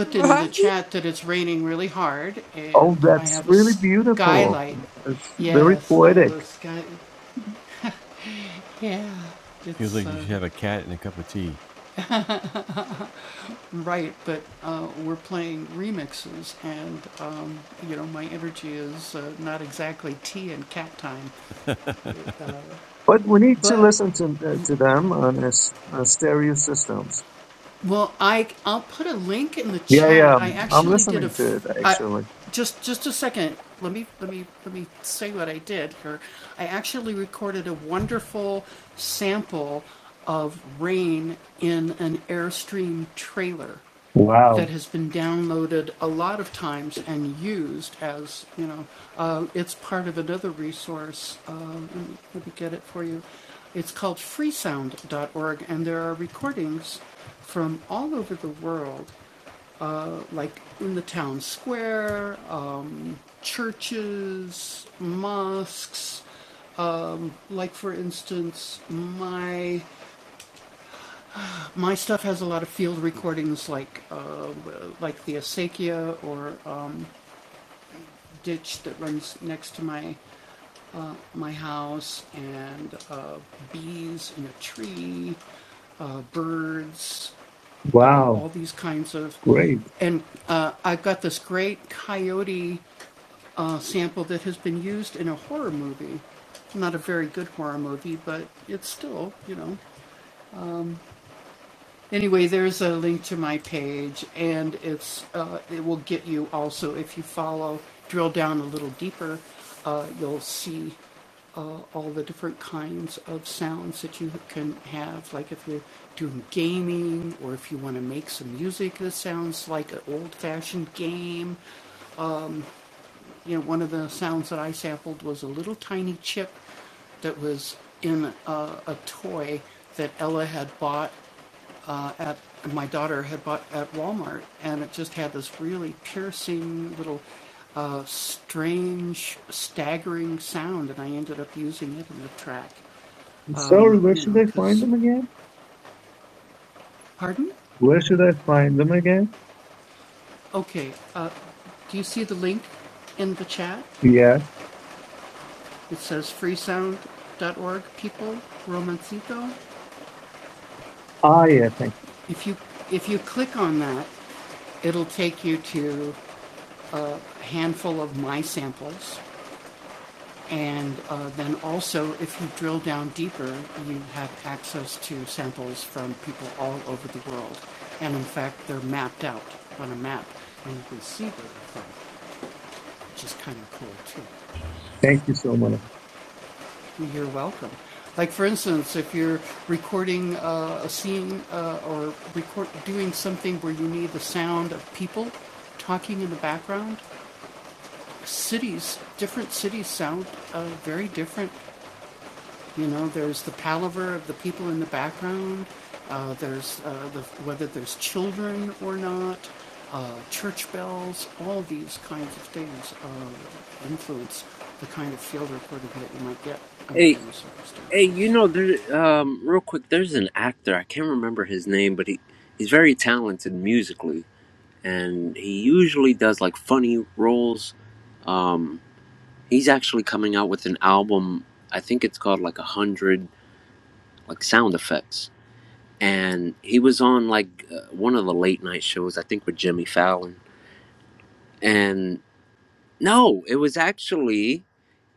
right.
Oh, that's really beautiful. It's very poetic. But we need to listen to, uh, to them on, a, s- on stereo systems. Yeah, yeah, I'm listening to it actually. Wow. Wow, great. So, where should I find them again? Where should I find them again? Yeah. Ah, yeah, thank you. Thank you so much.
Hey, hey, you know there. Um, real quick, there's an actor I can't remember his name, but he he's very talented musically, and he usually does like funny roles. Um, he's actually coming out with an album. I think it's called like a hundred like sound effects. And he was on like uh, one of the late night shows, I think with Jimmy Fallon and no it was actually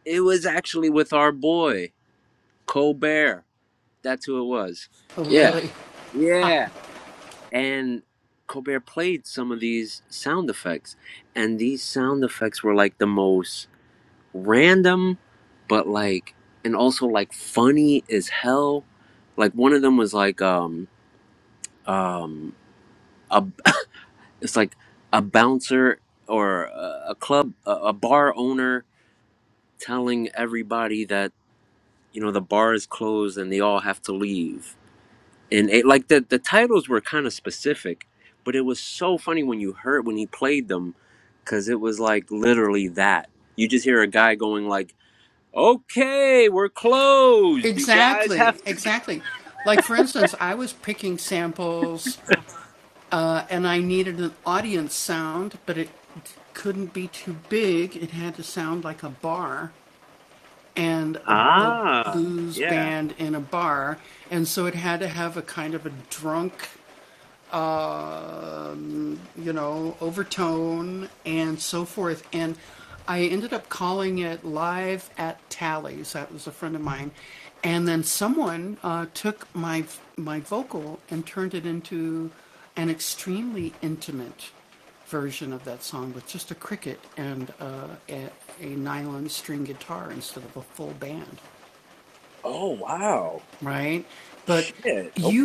it was actually with our boy colbert that's who it was yeah yeah and colbert played some of these sound effects and these sound effects were like the most random but like and also like funny as hell like one of them was like um um a, it's like a bouncer or a, a club a, a bar owner telling everybody that you know the bar is closed and they all have to leave and it, like the the titles were kind of specific but it was so funny when you heard when he played them because it was like literally that you just hear a guy going like okay we're closed you guys have to ah yeah oh yeah okay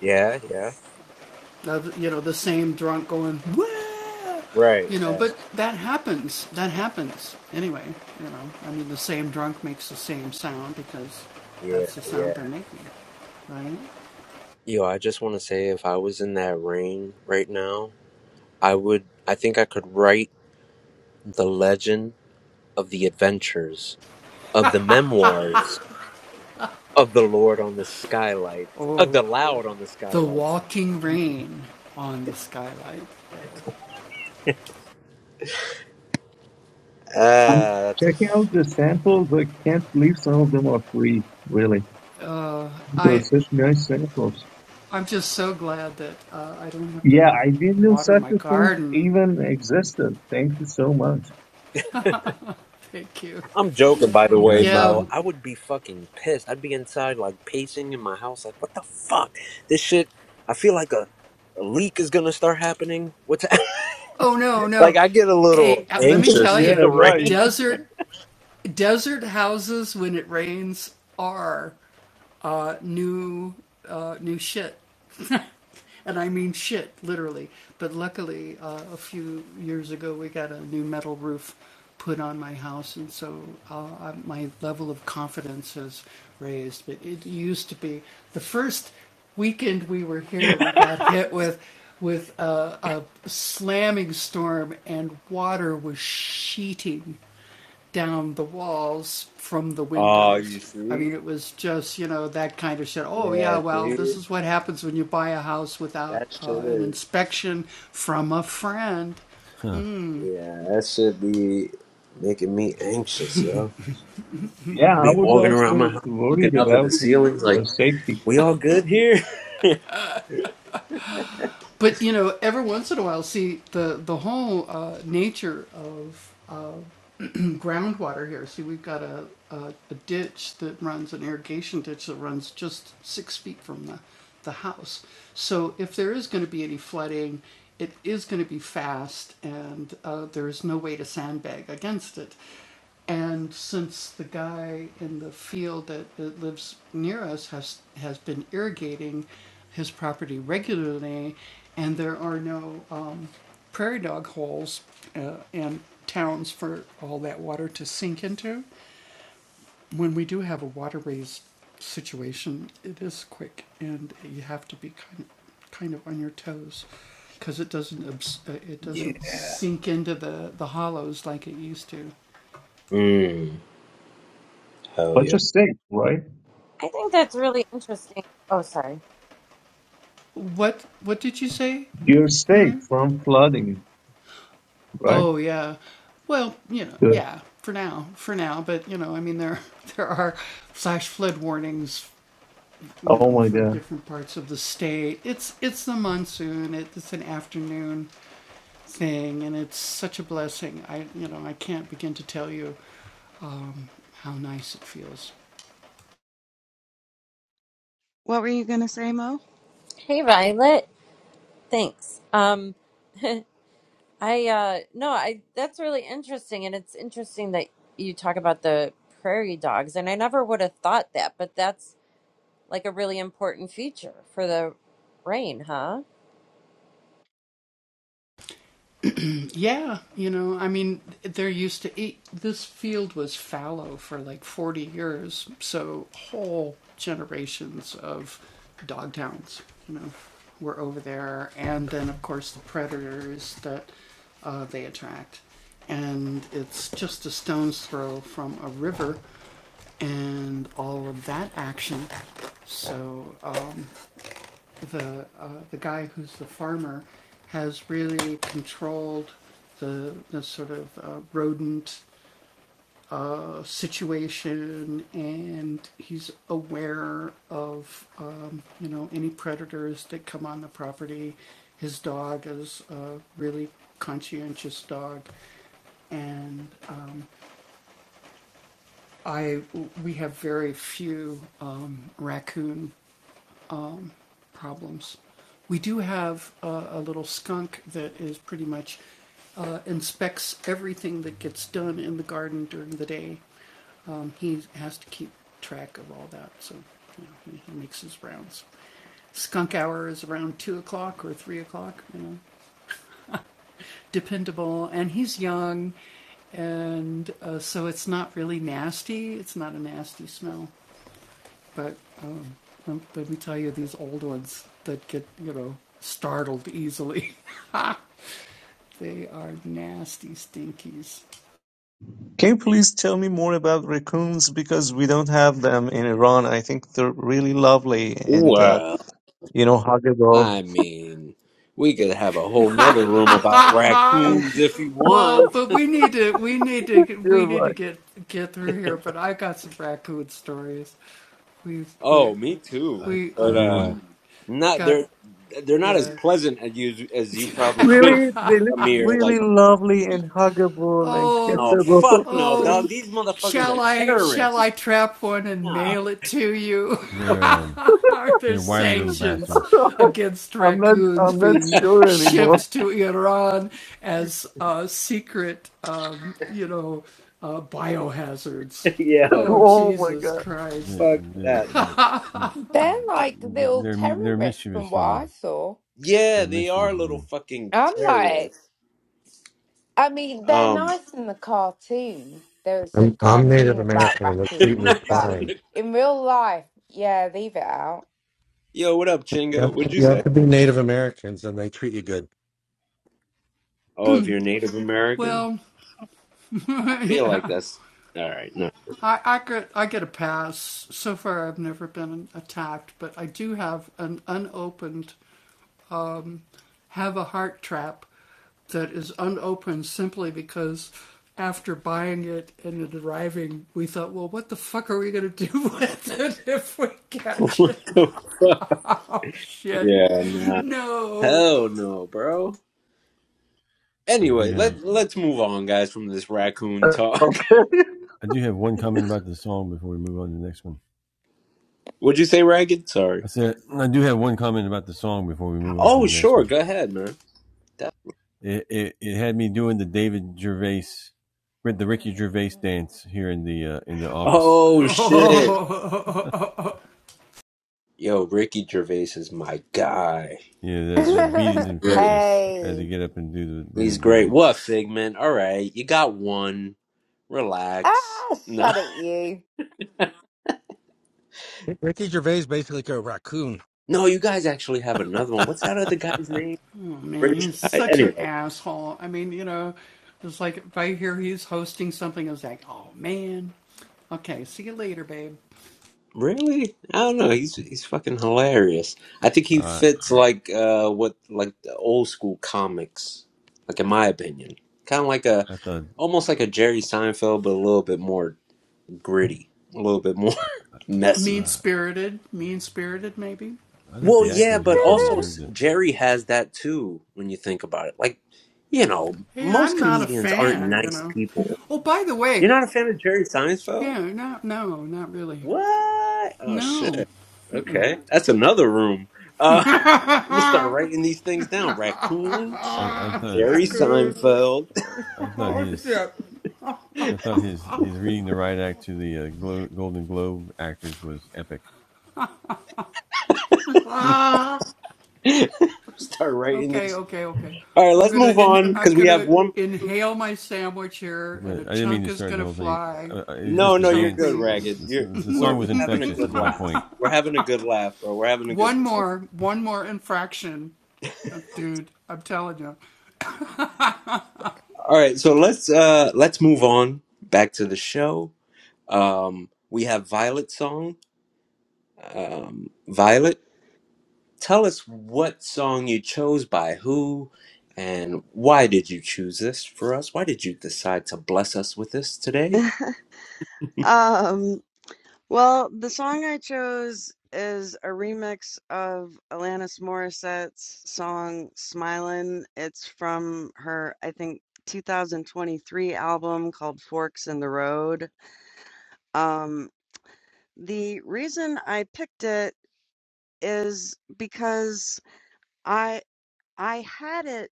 yeah yeah right yeah yeah yeah yo i just want to say if i was in that ring right now i would i think i could write The legend of the adventures of the memoirs of the Lord on the skylight of the loud on the skylights.
I'm
Ah, that's a.
checking out the samples. I can't believe some of them are free, really. They're such nice samples. Yeah, I didn't know such a thing even existed. Thank you so much.
I'm joking, by the way, Mel. I would be fucking pissed. I'd be inside, like pacing in my house, like, what the fuck? This shit. I feel like a, a leak is gonna start happening. What's like? I get a little anxious with the
Yeah, right.
rain. Oh, you see? Yeah, see? That shit is. Yeah, that should be making me anxious, yo.
Yeah,
I'll
I
be
was
walking
also
around my house looking
worried
up at the
about
ceilings
their
like,
safety.
we all good here? yeah. Mm, hell
But
yeah.
your state, right?
I think that's really interesting. Oh, sorry.
Your state from flooding, right? Good. Oh my God.
what were you gonna say mo
Hey, Violet. Thanks. Um. I uh no, I that's really interesting and it's interesting that you talk about the prairie dogs and I never would have thought that, but that's like a really important feature for the rain, huh?
Can you please tell me more about raccoons? Because we don't have them in Iran. I think they're really lovely and, uh,
Well,
you know, huggable.
I mean, we could have a whole nother room about raccoons if you want.
You're right.
oh, me too. But uh not they're they're not as pleasant as you as you probably think,
Really? They look
Amir.
really
Like,
lovely and huggable and
no,
kissable.
fuck no, dog. These motherfuckers are terrorists. Nah.
I'm not, I'm not sure anymore.
Yeah.
Oh my God.
Fuck that.
They're
I,
like little terrorists from what I saw.
yeah, they are little fucking
I'm like,
terrorists.
I mean, they're
Um,
nice in the cartoon. There was a
I'm, I'm Native
cartoon about
American and they treat me
raccoons,
nice
but
in
fine.
the-
in real life, yeah, leave it out.
yo, what up,
You
Chinga?
have,
What'd
to,
you
you have
say?
to be Native Americans and they treat you good.
Oh, if you're Native American, I feel like that's all right. No, what the fuck? Yeah, nah. Hell no, bro. Anyway, let let's move on, guys, from this raccoon talk.
Okay.
What'd you say, Ragged? Sorry. Oh, sure. Go ahead, man. That- oh shit. Yo, Ricky Gervais is my guy. He's he's
hey.
He's great. What Figment? All right, you got one. Relax.
Ah,
No,
shut at you.
Ricky Gervais basically go raccoon.
no, you guys actually have another one. What's that other guy's name? British guy. Anyway, really? I don't know. He's he's fucking hilarious. I think he fits like uh what like the old school comics. Like in my opinion, kind of like a almost like a Jerry Seinfeld, but a little bit more gritty, a little bit more messy. Well, yeah, but also s- Jerry has that too when you think about it. Like, you know, most comedians aren't nice people. You're not a fan of Jerry Seinfeld? What? Oh shit. Okay. That's another room. Uh I'm gonna start writing these things down. Raccoons, Jerry Seinfeld. start writing these. All right, let's move on cuz we have one No, no, you're good, Ragged. You're we're we're having a good laugh. We're having a good laugh, bro. We're having a good All right, so let's uh let's move on back to the show. Um we have Violet song. Um Violet, tell us what song you chose by who and why did you choose this for us? Why did you decide to bless us with this today?
um well the song i chose is a remix of alanis morissette's song smilin it's from her i think 2023 album called forks in the road um the reason i picked it is because i i had it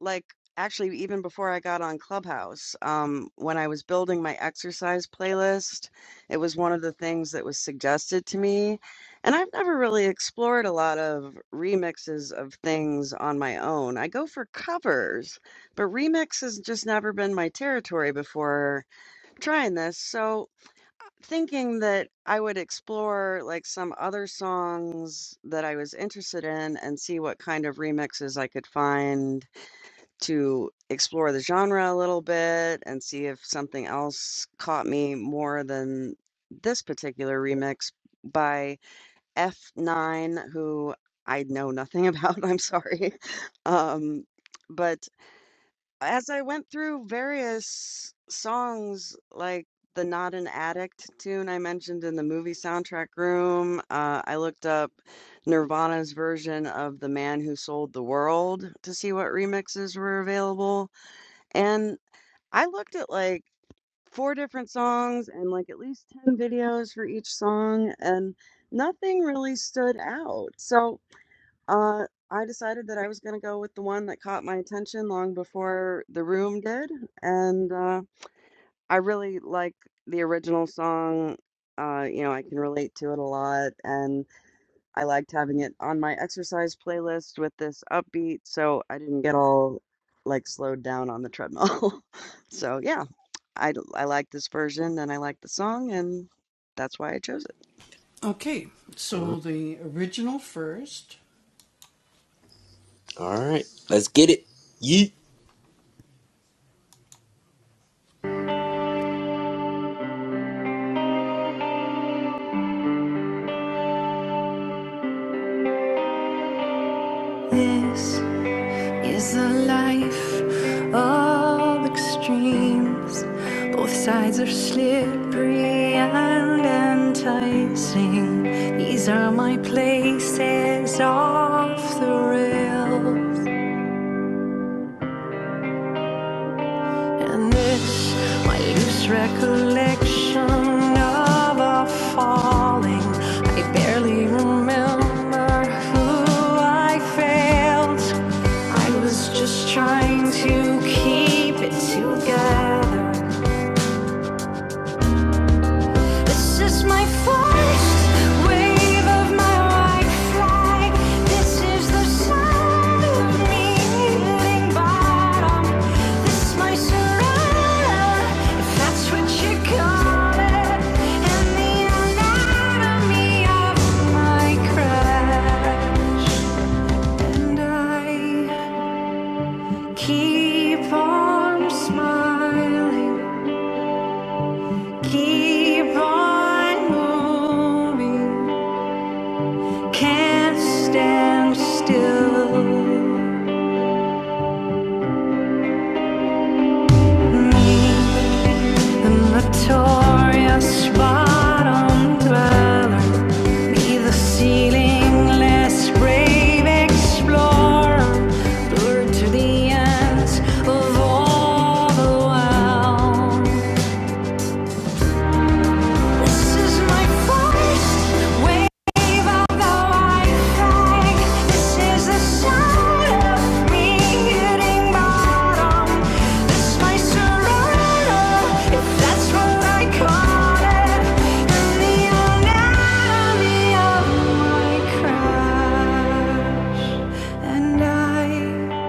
like actually even before I got on Clubhouse, um, when I was building my exercise playlist, it was one of the things that was suggested to me. And I've never really explored a lot of remixes of things on my own. I go for covers, but remix has just never been my territory before trying this. So thinking that I would explore like some other songs that I was interested in and see what kind of remixes I could find to explore the genre a little bit and see if something else caught me more than this particular remix by F9, who I know nothing about. I'm sorry. Um, but as I went through various songs, like the Not an Addict tune I mentioned in the movie soundtrack room, uh, I looked up Nirvana's version of The Man Who Sold the World to see what remixes were available. And I looked at like four different songs and like at least 10 videos for each song, and nothing really stood out. So uh, I decided that I was going to go with the one that caught my attention long before The Room did. And uh, I really like the original song. Uh, you know, I can relate to it a lot, and I liked having it on my exercise playlist with this upbeat, so I didn't get all like slowed down on the treadmill. so yeah, I I like this version and I like the song, and that's why I chose it.
All right. Let's get it. Yeet.
Yes. is a life of extremes. Both sides are slippery and enticing. These are my places off the rails. And it's my loose recollection of our falling. I barely remember who I failed. I was just trying to keep it together. This is my first wave of my white flag. This is the sound of me hitting bottom. This is my surrender, if that's what you call it. And the anatomy of my crash. And I keep on smiling, keep on moving. Can't stand still. Me, the notorious bottom dweller. Be the ceilingless brave explorer. Lured to the ends of all the world. This is my first wave of the Wi-Fi. This is the sound of me hitting bottom. This my surrender, if that's what I call it. And the anatomy of my crash. And I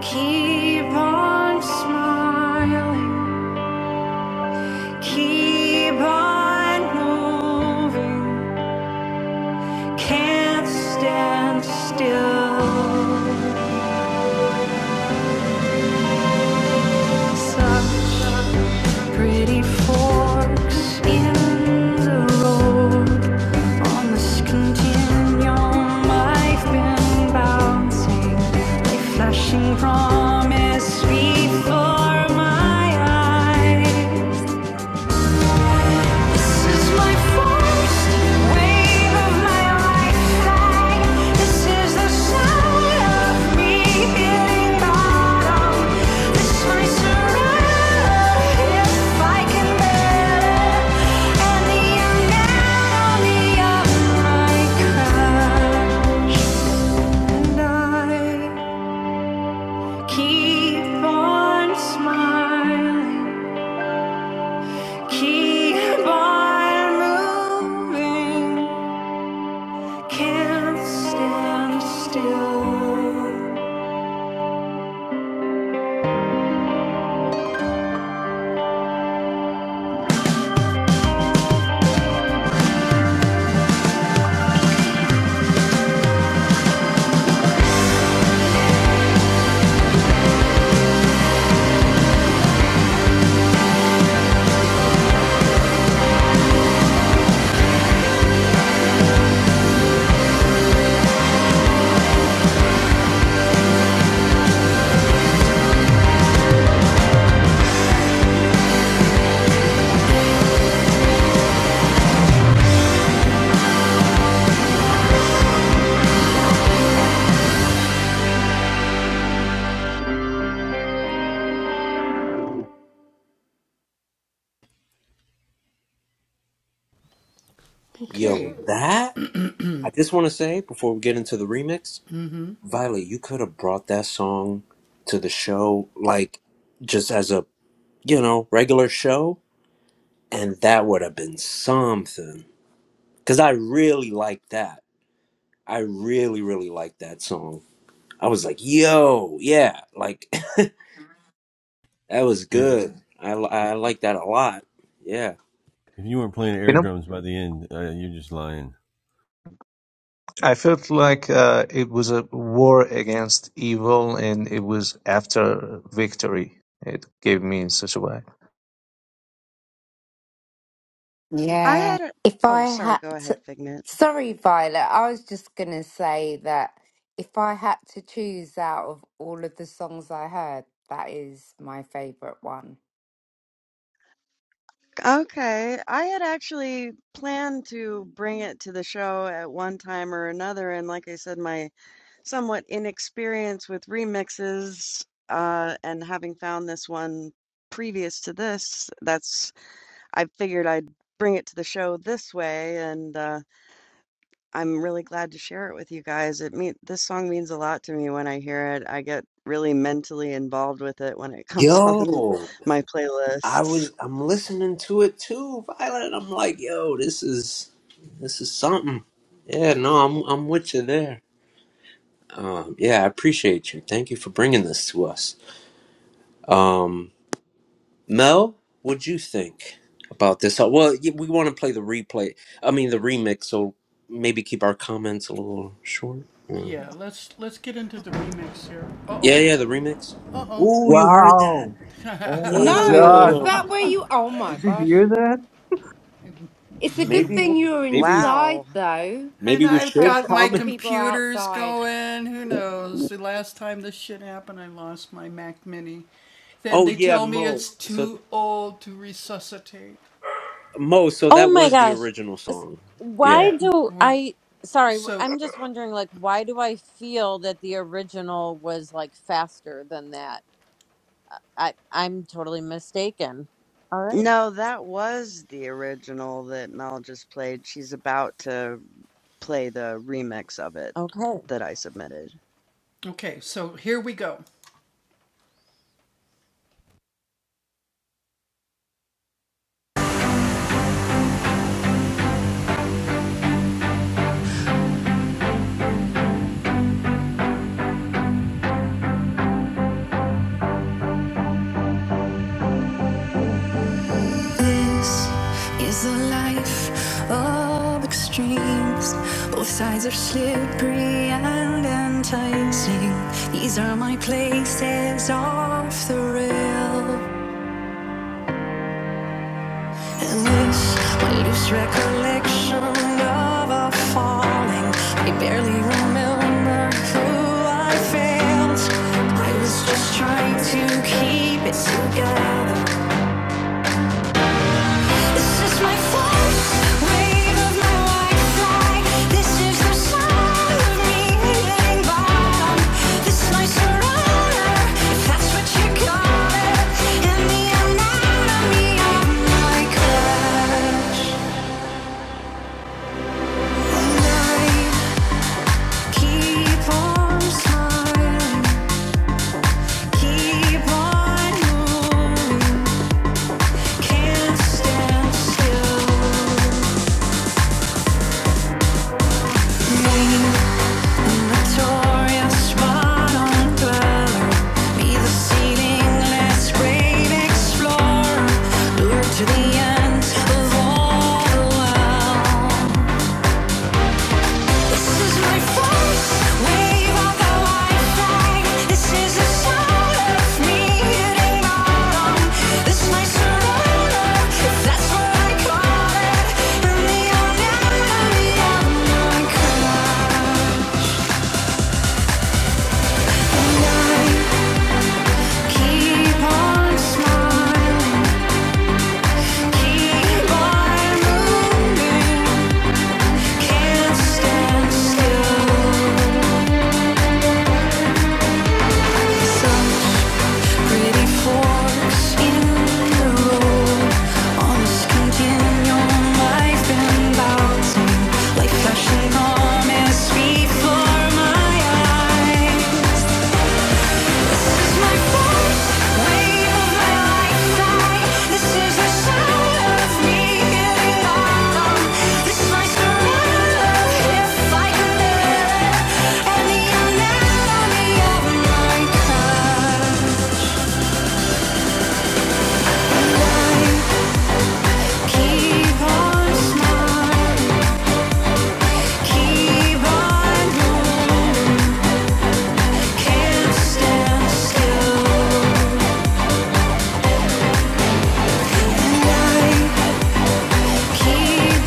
keep on smiling, keep on moving. Can't stand still. Such pretty forks in the road. On this continuum, I've been bouncing. A flashing promise before my eyes. Keep on smiling, keep on moving. Can't stand still.
Yo, that I just want to say before we get into the remix, Violet, you could have brought that song to the show like just as a, you know, regular show and that would have been something because i really like that i really really like that song i was like yo yeah like that was good i, I like that a lot yeah
You know, I felt like uh, it was a war against evil and it was after victory. It gave me in such a way.
I
Yeah.
had a
If I
Oh, sorry,
had
go ahead,
to,
Figment.
sorry, Violet, I was just going to say that if I had to choose out of all of the songs I heard, that is my favourite one.
Okay, I had actually planned to bring it to the show at one time or another, and like I said, my somewhat inexperience with remixes, uh, and having found this one previous to this, that's I figured I'd bring it to the show this way, and uh I'm really glad to share it with you guys. It mean this song means a lot to me when I hear it. I get really mentally involved with it when it comes on
yo
my
i
playlists.
was i'm listening to it too violet i'm like yo this is this is something yeah no i'm i'm with you there um yeah i appreciate you thank you for bringing this to us Um. Mel, what'd you think about this? Uh, Well, y- we want to play the replay. I mean, the remix. So maybe keep our comments a little short. Mm. Yeah, yeah, the remix. Ooh, you heard that?
Wow. Oh my
No,
God.
is that
Damn.
where you? Oh my
Did you
gosh.
hear that?
It's a good
Maybe,
thing you were
maybe,
inside,
Wow.
though.
maybe we should
Prayers for the
comment.
people outside.
Oh yeah, Mo. So Mo. So
Oh
that
my
was the
gosh.
original song. Yeah.
Why do I sorry, I'm just wondering like why do I feel that the original was like faster than that? I I'm totally mistaken. All right.
No, that was the original that Mel just played. She's about to play the remix of it
Okay.
that I submitted.
This is a life of extremes. Both sides are slippery and enticing. These are my places off the rail. And this, my loose recollection of a falling. I barely remember who I failed. I was just trying to keep it together. Can't stand still. Crash. Keep on smiling, keep on moving, can't stand still. Such pretty forks in the road, on skunk in your life and bouncing like flashing promise before my eyes. Keep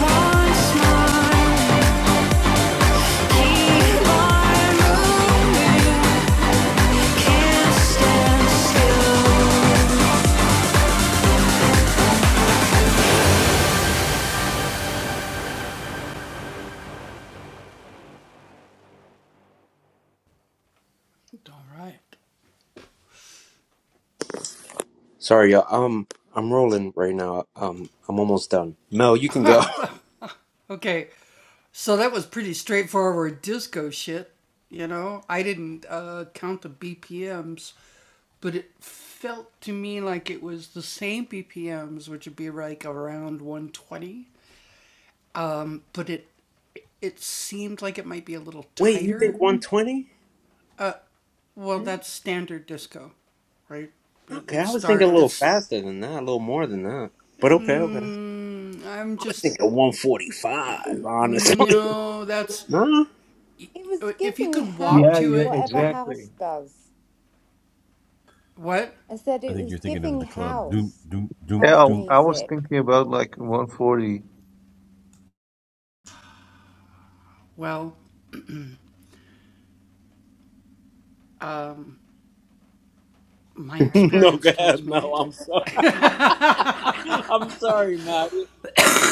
on smiling
Sorry, y'all. Um, I'm rolling right now. Um, I'm almost done. Mel, you can go. Wait, you think 120? Okay, I was thinking a little faster than that, a little more than that. But okay, okay. I was thinking 145, honestly. No,
It was giving
Yeah,
house,
yeah,
whatever house
exactly.
does. I said it was giving house,
Yeah,
house
I, I was
music.
thinking about like 140.
no, go ahead. No, I'm sorry. I'm sorry, Matt.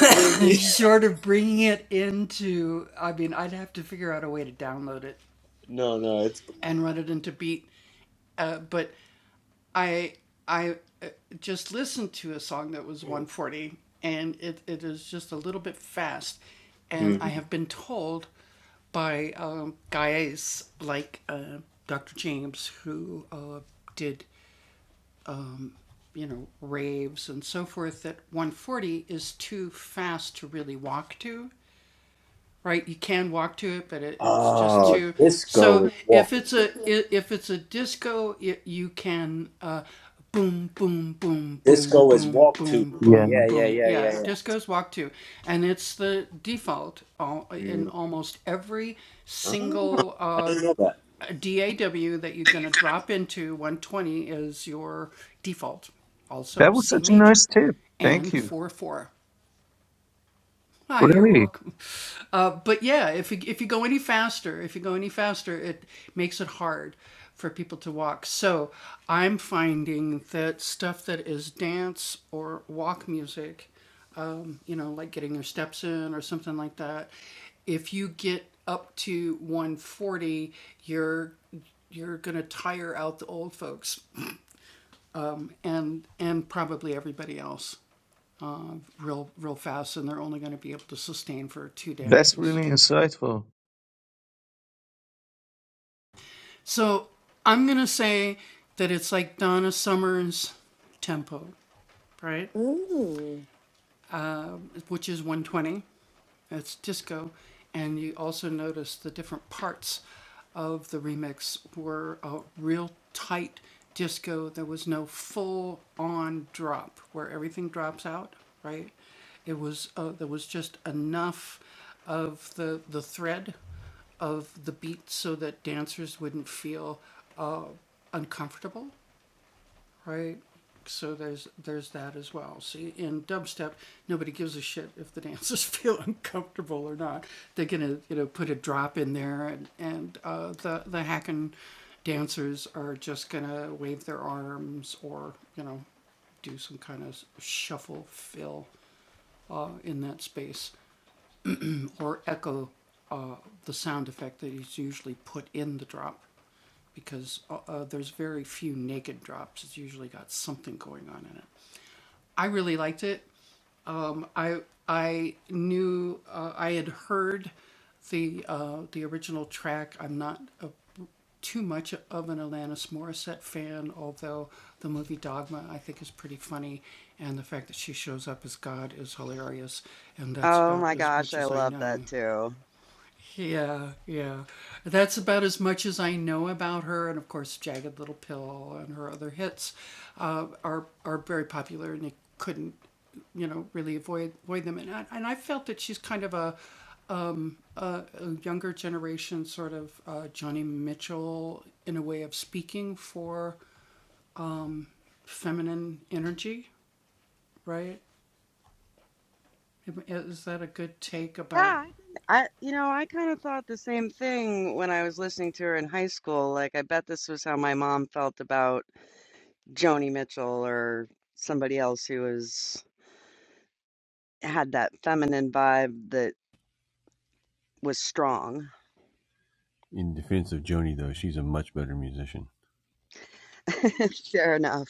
I didn't mean. No, no, it's. Mhm. Oh, disco is walk. Disco is walk to.
Yeah.
Yeah, yeah, yeah, yeah, yeah. Mm. Ah, I didn't know that.
That was such a nice tip. Thank you. Really, that's really insightful.
Ooh,
Oh my gosh, I love that too. Yeah, I think I you know, I kind of thought the same thing when I was listening to her in high school. Like I bet this was how my mom felt about Joni Mitchell or somebody else who was had that feminine vibe that was strong. Fair enough.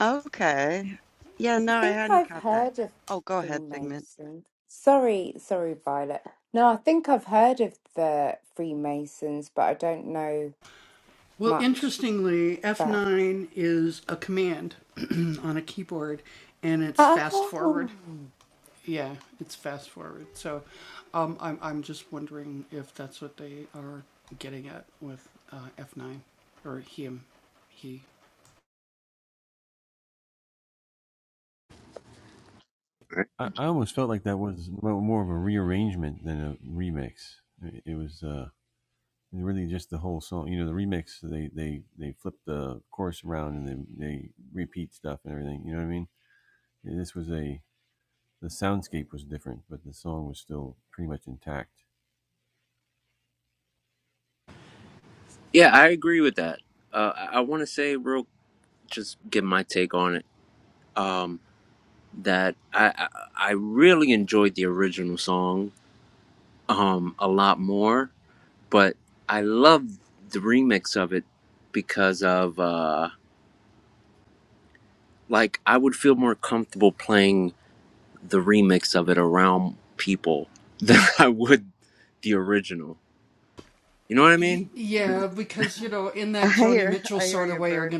Okay. Yeah,
I
no, I
think
hadn't
I've
caught that.
heard of
Oh, go ahead, Figment.
Freemasons. Sorry, sorry, Violet. No, I think I've heard of the Freemasons, but I don't know much about. Oh,
Yeah, I agree with that. Uh, I want to say real, just give my take on it. Um. that I I I really enjoyed the original song um a lot more, but I love the remix of it because of uh like I would feel more comfortable playing the remix of it around people than I would the original. You know what I mean?
I hear I hear you, Bert.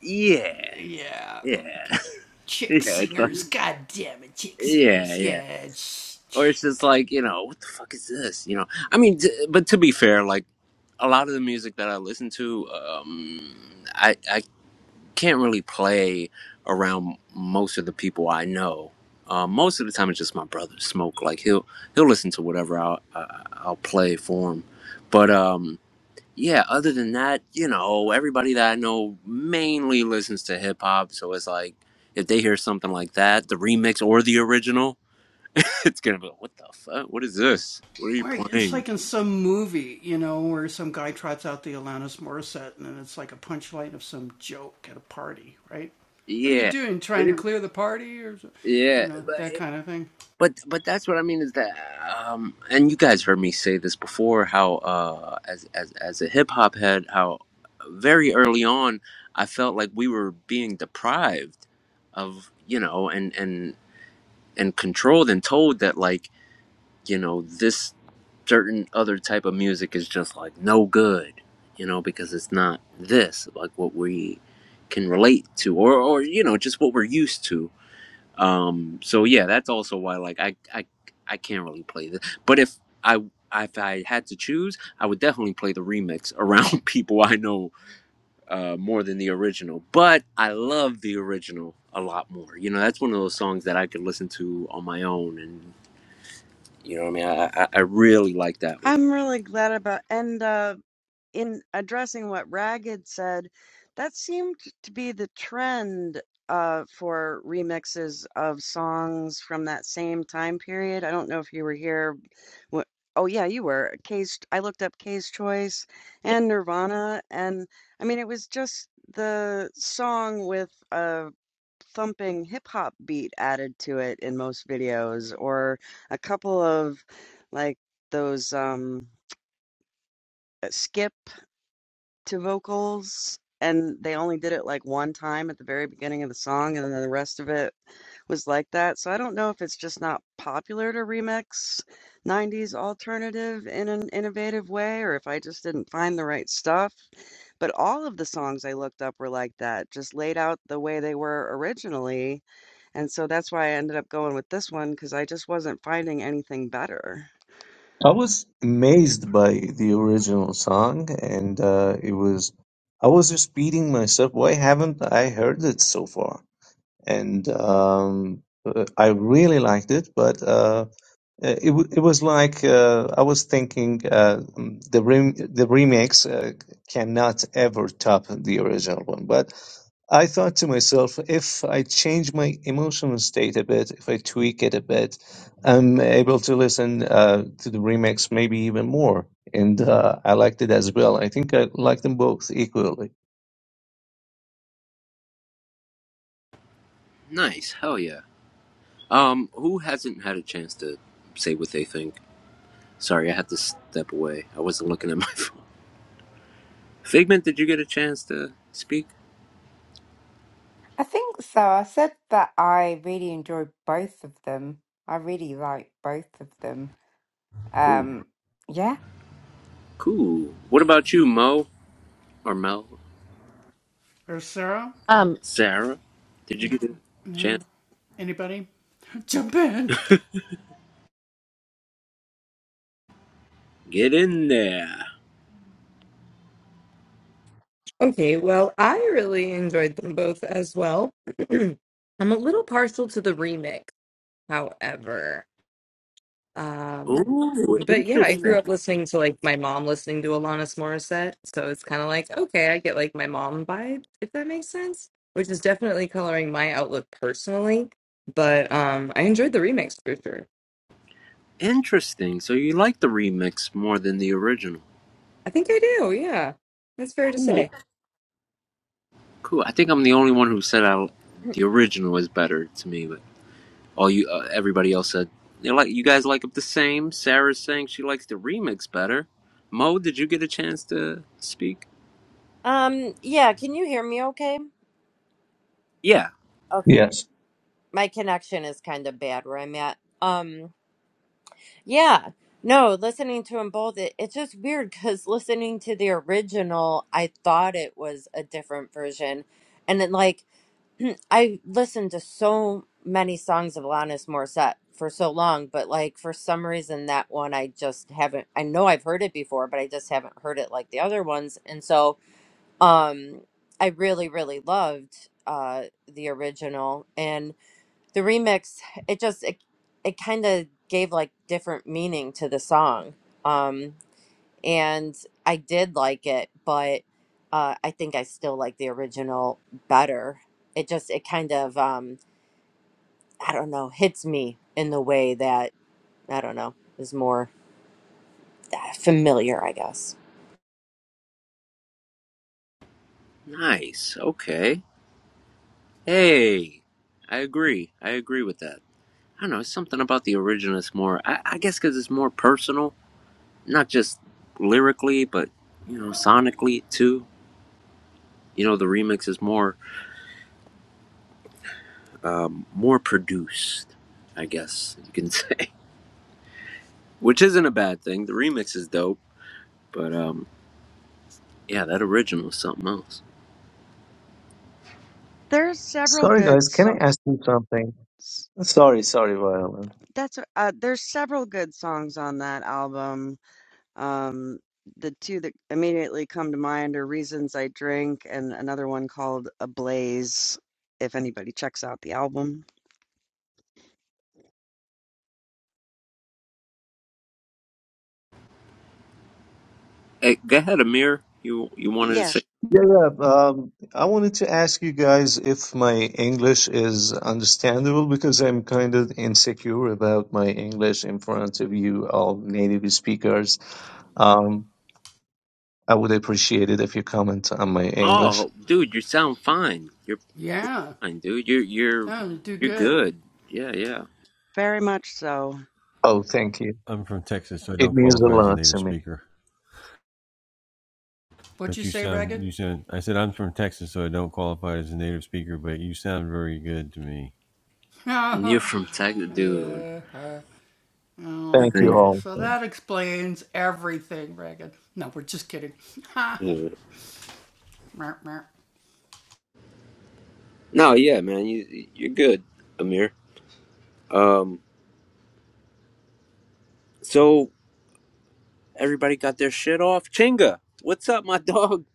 Yeah. Yeah. yeah, it's like, yeah, yeah. Or it's just like, you know, what the fuck is this? You know. I mean, t- but to be fair, like a lot of the music that I listen to, um, I I can't really play around most of the people I know. Uh, most of the time, it's just my brother Smoke. Like he'll he'll listen to whatever I'll I- I'll play for him. But um, yeah, other than that, you know, everybody that I know mainly listens to hip hop. So it's like if they hear something like that, the remix or the original, it's gonna be like, what the fuck? What is this? What are you playing? Yeah, what is? Yeah, but but that's what I mean is that um and you guys heard me say this before how uh as as as a hip hop head how very early on I felt like we were being deprived of you know and and and controlled and told that like you know this certain other type of music is just like no good you know because it's not this like what we can relate to or or you know just what we're used to um, so yeah, that's also why like I I I can't really play this. But if I if I had to choose, I would definitely play the remix around people I know uh, more than the original. But I love the original a lot more. You know, that's one of those songs that I could listen to on my own, and you know, what I mean, I I, I really like that one.
I'm really glad about and uh in addressing what Ragged said, that seemed to be the trend uh for remixes of songs from that same time period. I don't know if you were here Wha oh, yeah, you were. K's I looked up K's Choice Yep. and Nirvana, and, I mean, it was just the song with a thumping hip-hop beat added to it in most videos, or a couple of, like, those, um, uh, skip to vocals and they only did it like one time at the very beginning of the song and then the rest of it was like that. So I don't know if it's just not popular to remix 90s alternative in an innovative way or if I just didn't find the right stuff. But all of the songs I looked up were like that, just laid out the way they were originally. And so that's why I ended up going with this one because I just wasn't finding anything better.
I was amazed by the original song, and uh, it was, I was just beating myself. Why haven't I heard it so far? And um, uh, I really liked it, but. uh, Uh, it w- it was like uh, I was thinking uh, mm, the rem- the remix uh, cannot ever top the original one. But I thought to myself, if I change my emotional state a bit, if I tweak it a bit, I'm able to listen uh, to the remix maybe even more. And uh, I liked it as well. I think I like them both equally.
Nice, hell yeah. Um, who hasn't had a chance to say what they think? Sorry, I had to step away. I wasn't looking at my phone. Figment, did you get a chance to speak?
I think so. I said that I really enjoy both of them. I really like both of them.
Cool.
Um, yeah.
Cool. What about you, Mo or Mel?
Um
Sarah, did you get a chance? Get in there.
Okay, well, I really enjoyed them both as well. I'm a little partial to the remix, however. Um,
Ooh,
but yeah, I grew
interesting.
up listening to like my mom listening to Alanis Morissette, so it's kind of like okay, I get like my mom vibe if that makes sense, which is definitely coloring my outlook personally. But um, I enjoyed the remix for sure.
Interesting. So you like the remix more than the original?
I think I do. Yeah, that's fair to
Cool.
say.
Cool. I think I'm the only one who said I, the original is better to me, but all you uh, everybody else said you like you guys like it the same. Sarah's saying she likes the remix better. Mo, did you get a chance to speak?
um yeah, can you hear me okay?
Yeah.
Okay.
Yes.
my connection is kind of bad where I'm at. Um, yeah, no, listening to them both, it, it's just weird because listening to the original, I thought it was a different version, and then like I listened to so many songs of Alanis Morissette for so long, but like for some reason that one I just haven't. I know I've heard it before, but I just haven't heard it like the other ones, and so um, I really, really loved uh the original and the remix it just it, it kind of gave like different meaning to the song um and i did like it but uh i think i still like the original better it just it kind of um i don't know hits me in the way that i don't know is more uh, familiar i guess
Nice. Okay. Hey, I agree. I agree with that. I don't know. It's something about the original that's more. I, I guess because it's more personal, not just lyrically, but you know, sonically too. You know, the remix is more, um, more produced. I guess you can say, which isn't a bad thing. The remix is dope, but um, yeah, that original is something else.
There's several
Sorry,
good
guys. Can
songs.
I ask you something? Sorry, sorry, Viola.
That's uh, there's several good songs on that album. Um, the two that immediately come to mind are "Reasons I Drink" and another one called "Ablaze." If anybody checks out the album,
Hey, go ahead, Amir. You you wanted to
yeah,
say?
Yeah, yeah. Um, I wanted to ask you guys if my English is understandable because I'm kind of insecure about my English in front of you, all native speakers. Um, I would appreciate it if you comment on my English.
Oh, dude, you sound fine. You're fine, dude. You're you're you're good. Yeah, yeah.
very much so.
Oh, thank you. It means a lot to me.
You're from Texas, dude. I
Thank you
think.
all.
Yeah. No, yeah, man, you you're good, Amir. Um, so everybody got their shit off. Chinga, what's up, my dog?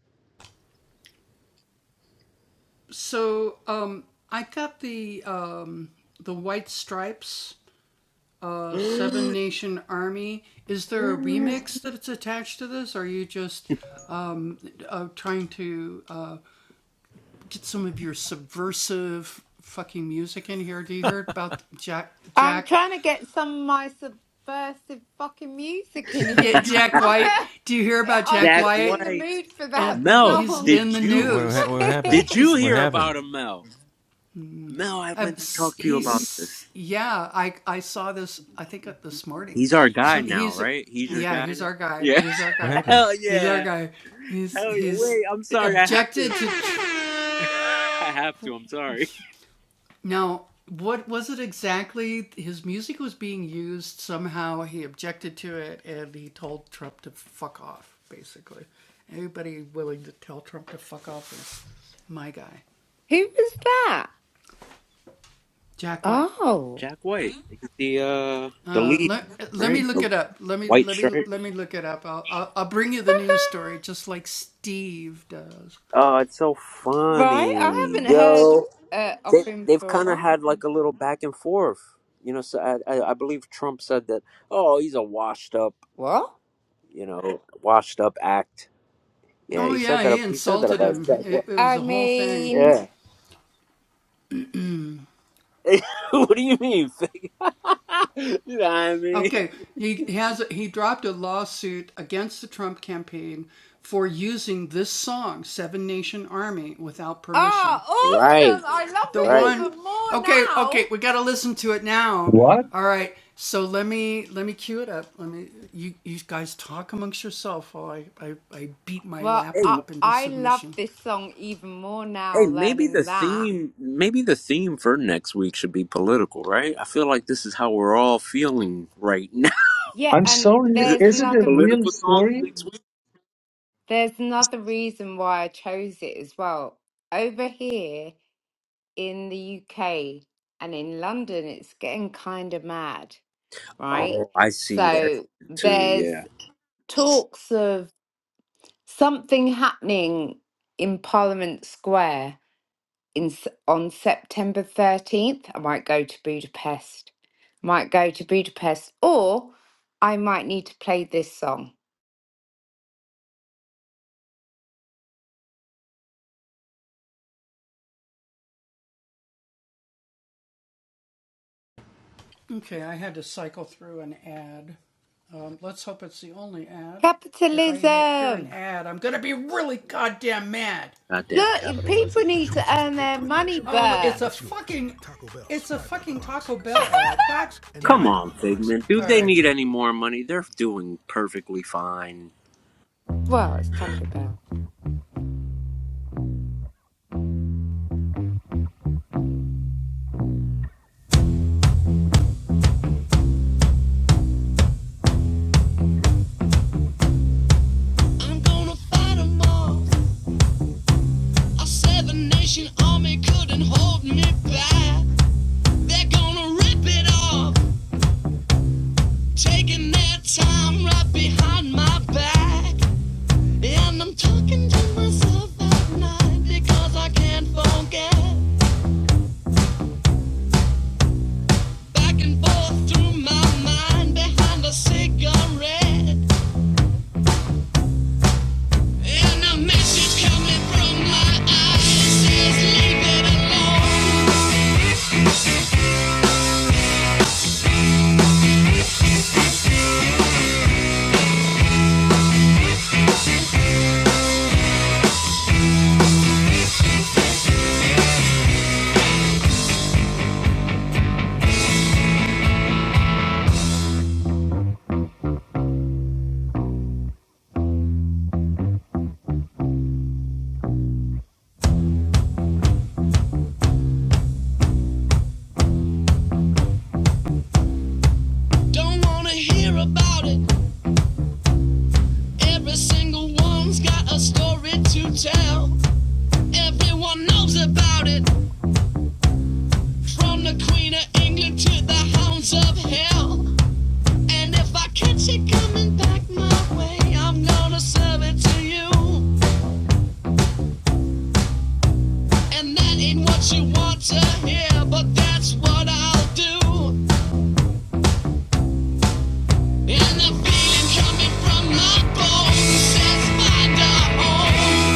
I'm trying to get some of my subversive fucking music in here. I'm
Zach
just in the
White.
mood for that
Mel,
song.
did you did you hear about him, Mel? Mel, I meant to talk to you about this. He's our guy now, right? He's your guy now. Yeah. Hell yeah. Hell yeah. Wait, I'm sorry. I have to. I have to. I'm sorry.
Who was that? Oh,
Jack White, the uh, the lead, right? White shirts. Oh, it's so
right. I
funny,
haven't heard
yo.
uh, of
They
him
they've
for a
kind of had
while.
like a little back and forth, you know. So I, I I believe Trump said that. Oh, he's a washed up,
What?
you know, washed up act. Yeah, he said that. He said that about Jack. Wa-
I mean,
Yeah. what do you mean? fake? you know what I mean?
ah,
Right,
awesome! I love it
right.
even more now.
What?
Well,
Hey,
I I love this song even more now.
hey, maybe the
Learning that,
theme, maybe the theme for next week should be political, right? I feel like this is how we're all feeling right now.
yeah.
I'm
And
sorry.
there's
Is it a
another
real
Political songs
story?
next week.
there's another reason why I chose it as well. Over here in the UK and in London, it's getting kind of mad. right?
Oh, I see that
So
too.
there's
Yeah.
talks of something happening in Parliament Square in S- on September 13th. I might go to Budapest. Might go to Budapest or I might need to play this song. Capitalism.
Goddamn
Look, if people
capitalism.
need to earn their money, Bert.
Come on, Figment. Do they need any more money? They're doing perfectly fine.
well, it's Taco Bell.
Back and forth through my mind behind a cigarette. And a message coming from my eyes says, Leave it alone. Don't wanna hear about it. Every single one's got a story to tell. Everyone knows about it. From the Queen of England to the hounds of hell. And if I catch it coming back my way, I'm gonna serve it to you. And that ain't what you want to hear, but that's what I'll do. And the feeling coming from my bones says find a home.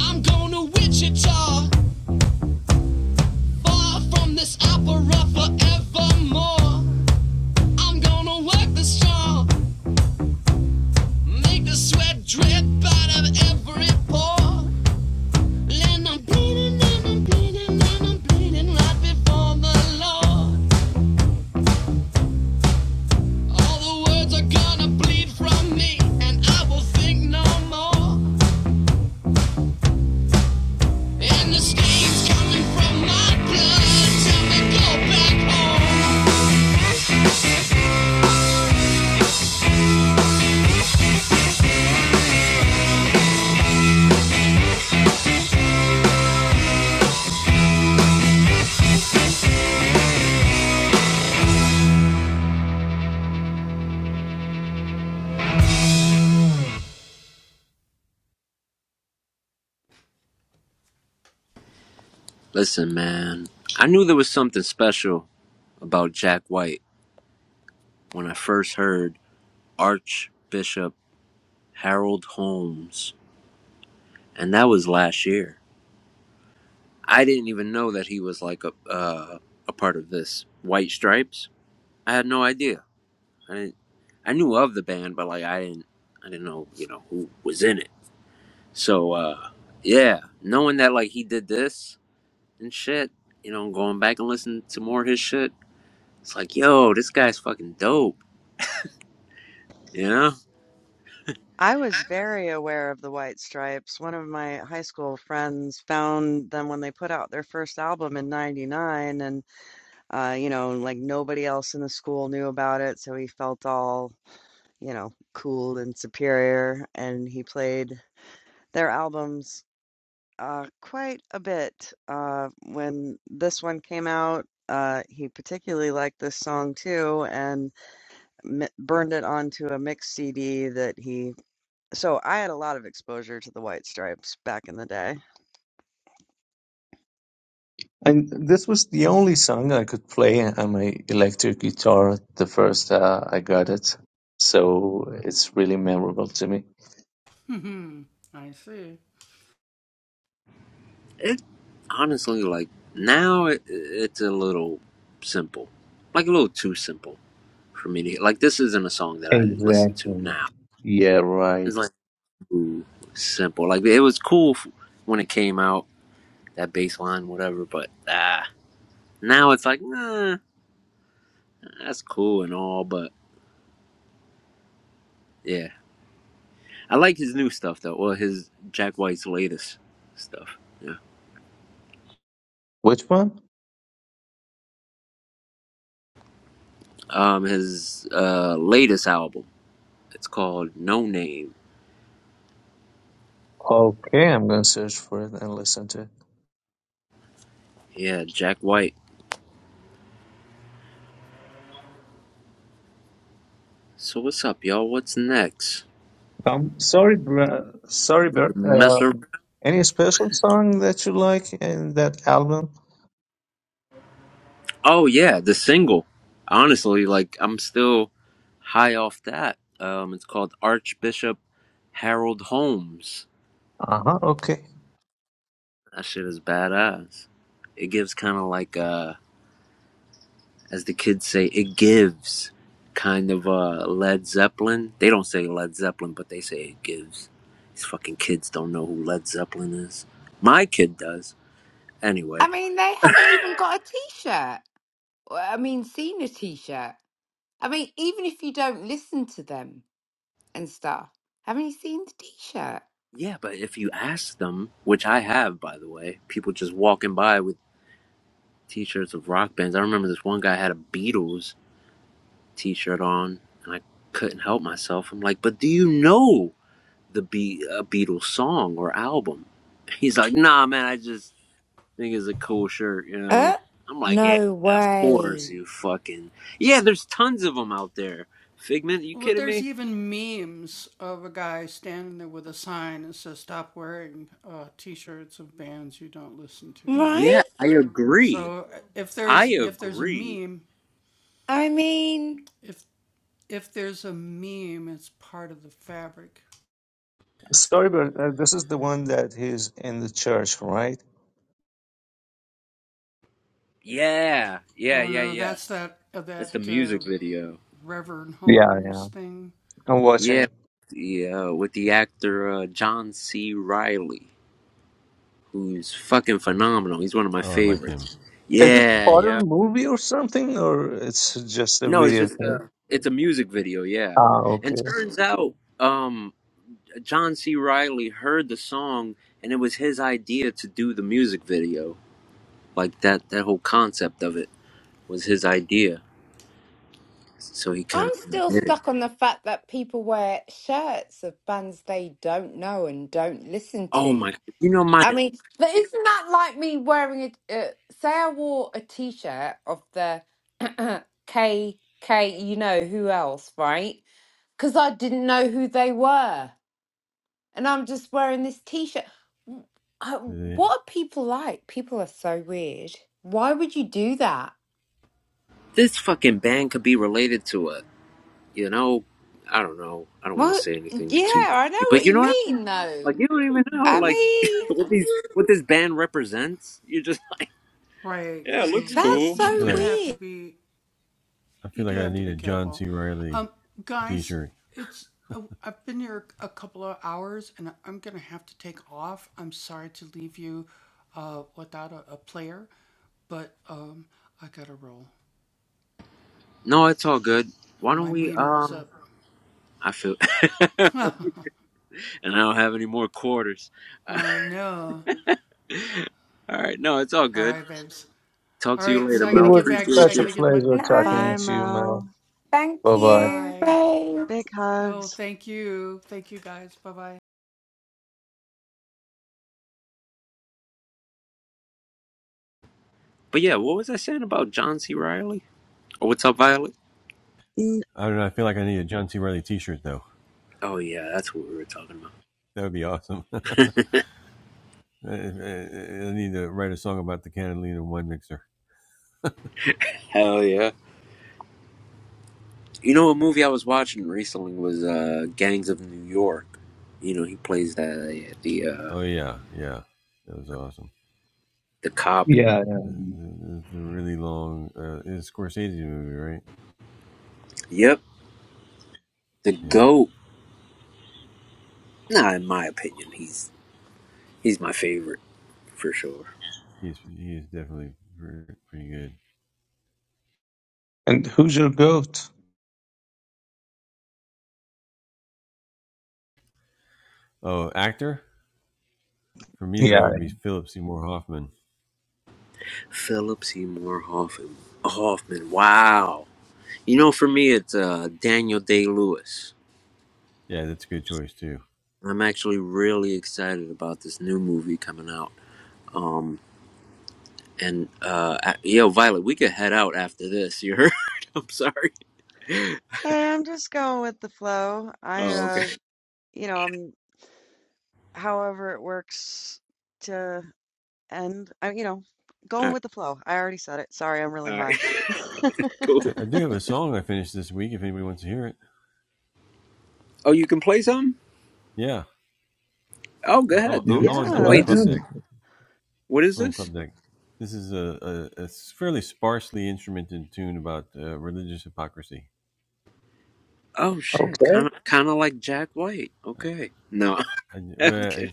I'm going to Wichita, far from this opera forevermore. I'm gonna work the strong, make the sweat drip out of every pore. And I'm bleeding and I'm bleeding and I'm bleeding right before the Lord. All the words are gonna bleed from me, and I will think no more. And the stains coming from my blood. Tell me go back home.
Listen, man. I knew there was something special about Jack White when I first heard Archbishop Harold Holmes, and that was last year. I didn't even know that he was like a uh, a part of this White Stripes. I had no idea. I didn't, I knew of the band, but like I didn't, I didn't know, you know, who was in it. So uh, yeah, knowing that like he did this and shit, you know, going back and listening to more of his shit, it's like, yo, this guy's fucking dope. You know,
I was very aware of the White Stripes. One of my high school friends found them when they put out their first album in '99, and uh, you know, like nobody else in the school knew about it, so he felt all you know, cool and superior, and he played their albums uh, quite a bit. Uh, when this one came out, uh, he particularly liked this song too, and mi burned it onto a mix CD that he. So I had a lot of exposure to the White Stripes back in the day.
And this was the only song I could play on my electric guitar the first uh, I got it. So it's really memorable to me.
it honestly like now it, it's a little simple, like a little too simple for me to like. This isn't a song that I listen to
Exactly.
now.
Yeah, right.
It's like too simple. Like it was cool f- when it came out, that bass line, whatever, but ah. Now it's like, nah, that's cool and all, but yeah, I like his new stuff though, or his Jack White's latest stuff. Yeah,
Which one?
um, his uh latest album. It's called No Name.
Okay, I'm gonna search for it and listen to it.
Yeah, Jack White. So what's up, y'all? What's next?
Um, sorry, bro, sorry, Bert.
Mess around.
Um, any special song that you like in that album?
Oh yeah, the single. Honestly, like I'm still high off that. Um, it's called Archbishop Harold Holmes.
Uh huh. Okay.
That shit is badass. It gives kind of like a as the kids say, it gives kind of uh, Led Zeppelin. They don't say Led Zeppelin, but they say it gives. These fucking kids don't know who Led Zeppelin is. My kid does.
I
Anyway.
mean, they haven't even got a t-shirt. Well, I mean, seen a t-shirt. I mean, even if you don't listen to them, and stuff. Haven't you seen the t-shirt?
Yeah, but if you ask them, which I have, by the way, people just walking by with t shirts of rock bands. I remember this one guy had a Beatles t shirt on, and I couldn't help myself. I'm like, but do you know the Be- a Beatles song or album? He's like, nah, man, I just think it's a cool shirt, you know.
Uh,
I'm like, yeah,
no
of course,
way.
you fucking. Yeah, there's tons of them out there. Figment, you kidding me? Yeah,
Right?
I agree. I agree.
I mean,
Sorry, Bert. Uh, this is the one that he's in the church, right?
Yeah, yeah, yeah, yeah. That's the music video.
Yeah, yeah. I'm
Yeah,
watching.
the, uh, with the actor uh, John C. Riley, who's fucking phenomenal. He's one of my favorites.
Is it
Yeah,
part of a
yeah.
movie or something, or it's just a
No, it's
video
just uh,
game?
it's a music video. Yeah,
Ah,
and
okay.
turns out, um. John C. Riley heard the song, and it was his idea to do the music video. Like that, that whole concept of it was his idea. So he kind
I'm
of
still
did it.
stuck on the fact that people wear shirts of bands they don't know and don't listen
Oh
to.
my! You know, my
I mean, but isn't that like me wearing a, uh, say I wore a t-shirt of the K K, you know who else, right? Because I didn't know who they were. and I'm just wearing this t-shirt. W- uh, What are people like? People are so weird. Why would you do that?
this fucking band could be related to a. You know, I don't know. I don't want to
Well,
say anything
yeah,
too
I
crazy,
know
but
what
you
you
know what? I mean?
mean, though.
Like you don't even know
I
like
mean,
what these what this band represents. You're just like, yeah, it looks
that's
cool.
so weird.
No, it's all good. Why don't we? Um, I feel, and I don't have any more quarters. All right, no, it's all good. Talk to you later,
It
Mel.
was
Appreciate
such a
you.
pleasure talking
Bye,
No,
to you, Mel.
Mel.
thank
Bye bye.
you.
Bye.
Big hugs.
But yeah, what was I saying about John C. Riley? Oh, what's up, Violet?
Mm,
Oh yeah, that's what we were talking about. Hell yeah! You know, a movie I was watching recently was uh, Gangs of New York. You know, he plays that uh, the uh, the cop.
Yeah, yeah.
Yep, the goat. Nah, in my opinion, he's he's my favorite for sure.
And who's your goat? Yeah.
Philip Seymour Hoffman. Hoffman. Wow. You know, for me, it's uh, Daniel Day Lewis. I'm actually really excited about this new movie coming out. Um, and uh, I- yo, Violet, we could head out after this. You heard? I'm sorry.
Hey, I'm just going with the flow. I,
Oh, okay.
uh, you know, I'm however it works to end. I, you know,
All
going
right.
with the flow. I already said it. Sorry, I'm really
All right.
high.
cool. Oh, you can play some? Oh, go ahead,
Go
dude.
go
Yeah.
ahead.
Wait, this.
then.
What is this? Oh shit,
Okay.
kind of, kind of like Jack White. Okay. No. I'm kidding.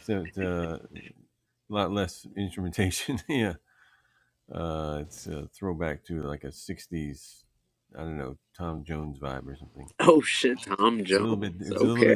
oh shit, Tom Jones. Okay.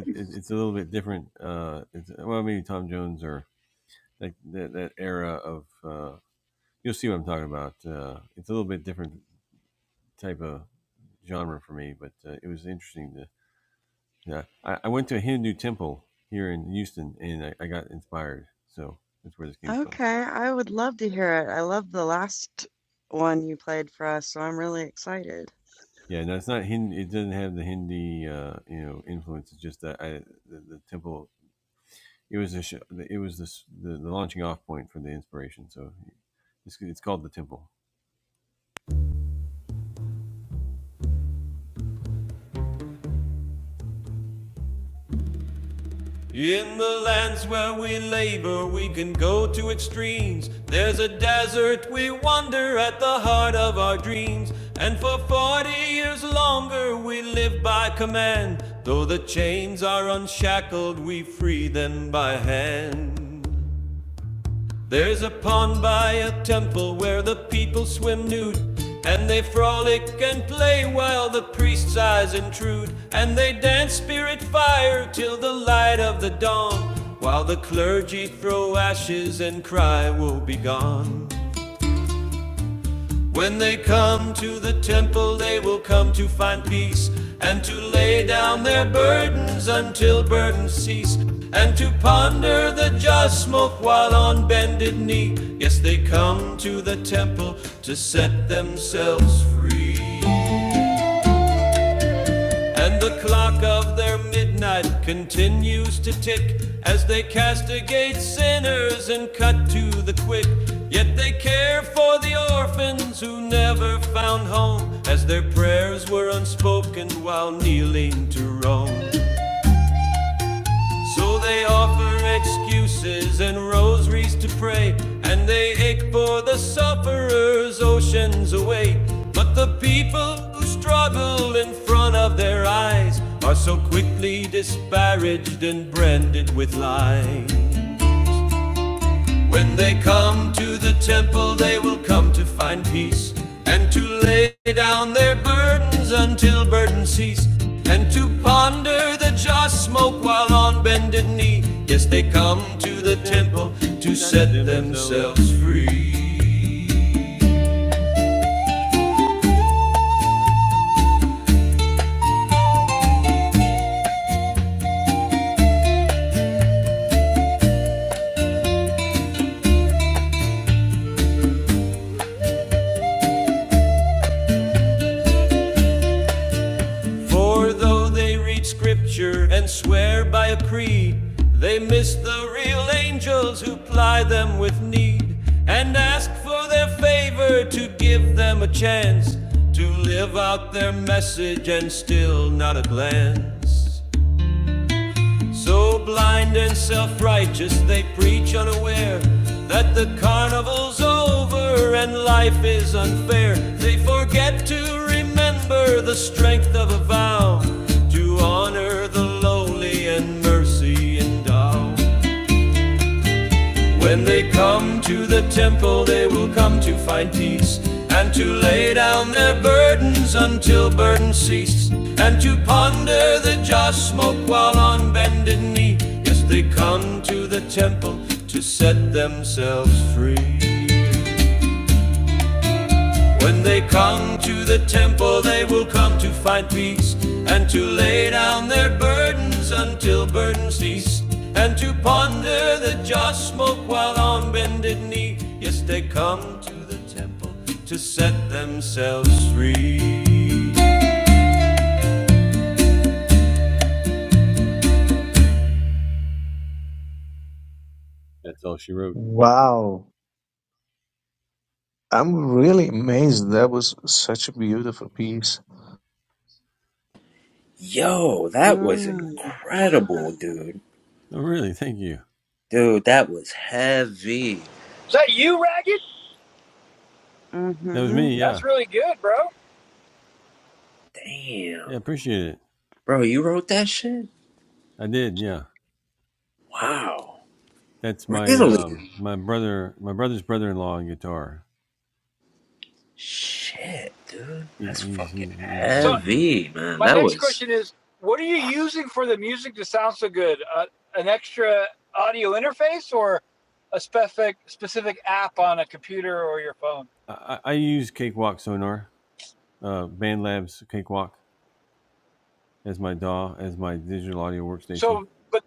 Okay. I would love to hear it. I love the last one you played for us, so I'm really excited.
In the lands where we labor, we can go to extremes. There's a desert, we wander at the heart of our dreams. And for 40 years longer, we live by command. Though the chains are unshackled, we free them by hand. There's a pond by a temple where the people swim nude, and they frolic and play while the priest's eyes intrude, and they dance spirit fire till the light of the dawn, while the clergy throw ashes and cry, Woe be gone. When they come to the temple, they will come to find peace and to lay down their burdens until burdens cease and to ponder the just smoke while on bended knee. Yes, they come to the temple to set themselves free. And the clock of their midnight continues to tick as they castigate sinners and cut to the quick. Yet they care for the orphans who never found home as their prayers were unspoken while kneeling to Rome. So they offer excuses and rosaries to pray, and they ache for the sufferers oceans away. But the people who struggle in front of their eyes are so quickly disparaged and branded with lies. When they come to the temple, they will come to find peace and to lay down their burdens until burdens cease and to ponder the joss smoke while on bended knee. Yes, they come to the temple to set themselves free. For though they read scripture and swear by a creed, they miss the real angels who ply them with need and ask for their favor to give them a chance to live out their message and still not a glance. So blind and self righteous, they preach unaware that the carnival's over and life is unfair. They forget to remember the strength of a vow to honor the lowly and mercy endowed. When they come to the temple, they will come to find peace and to lay down their burdens until burden cease and to ponder the joss smoke while on bended knee. Yes, they come to the temple to set themselves free. When they come to the temple, they will come to find peace and to lay down their burdens until burdens cease and to ponder the joss smoke while on bended knee. Yes, they come to the temple to set themselves free.
Wow. I'm really amazed. That was such a beautiful piece.
Yo, that was
Mm,
incredible, dude. Dude, that was heavy.
Is that you, Ragged?
mm-hmm.
That's really good, bro.
Damn. Bro, you wrote that shit? Wow. Really? Shit, dude. That's fucking
So
heavy, man.
my
That
next
was.
question is, what are you using for the music to sound so good? Uh, an extra audio interface or a specific specific app on a computer or your phone? So, but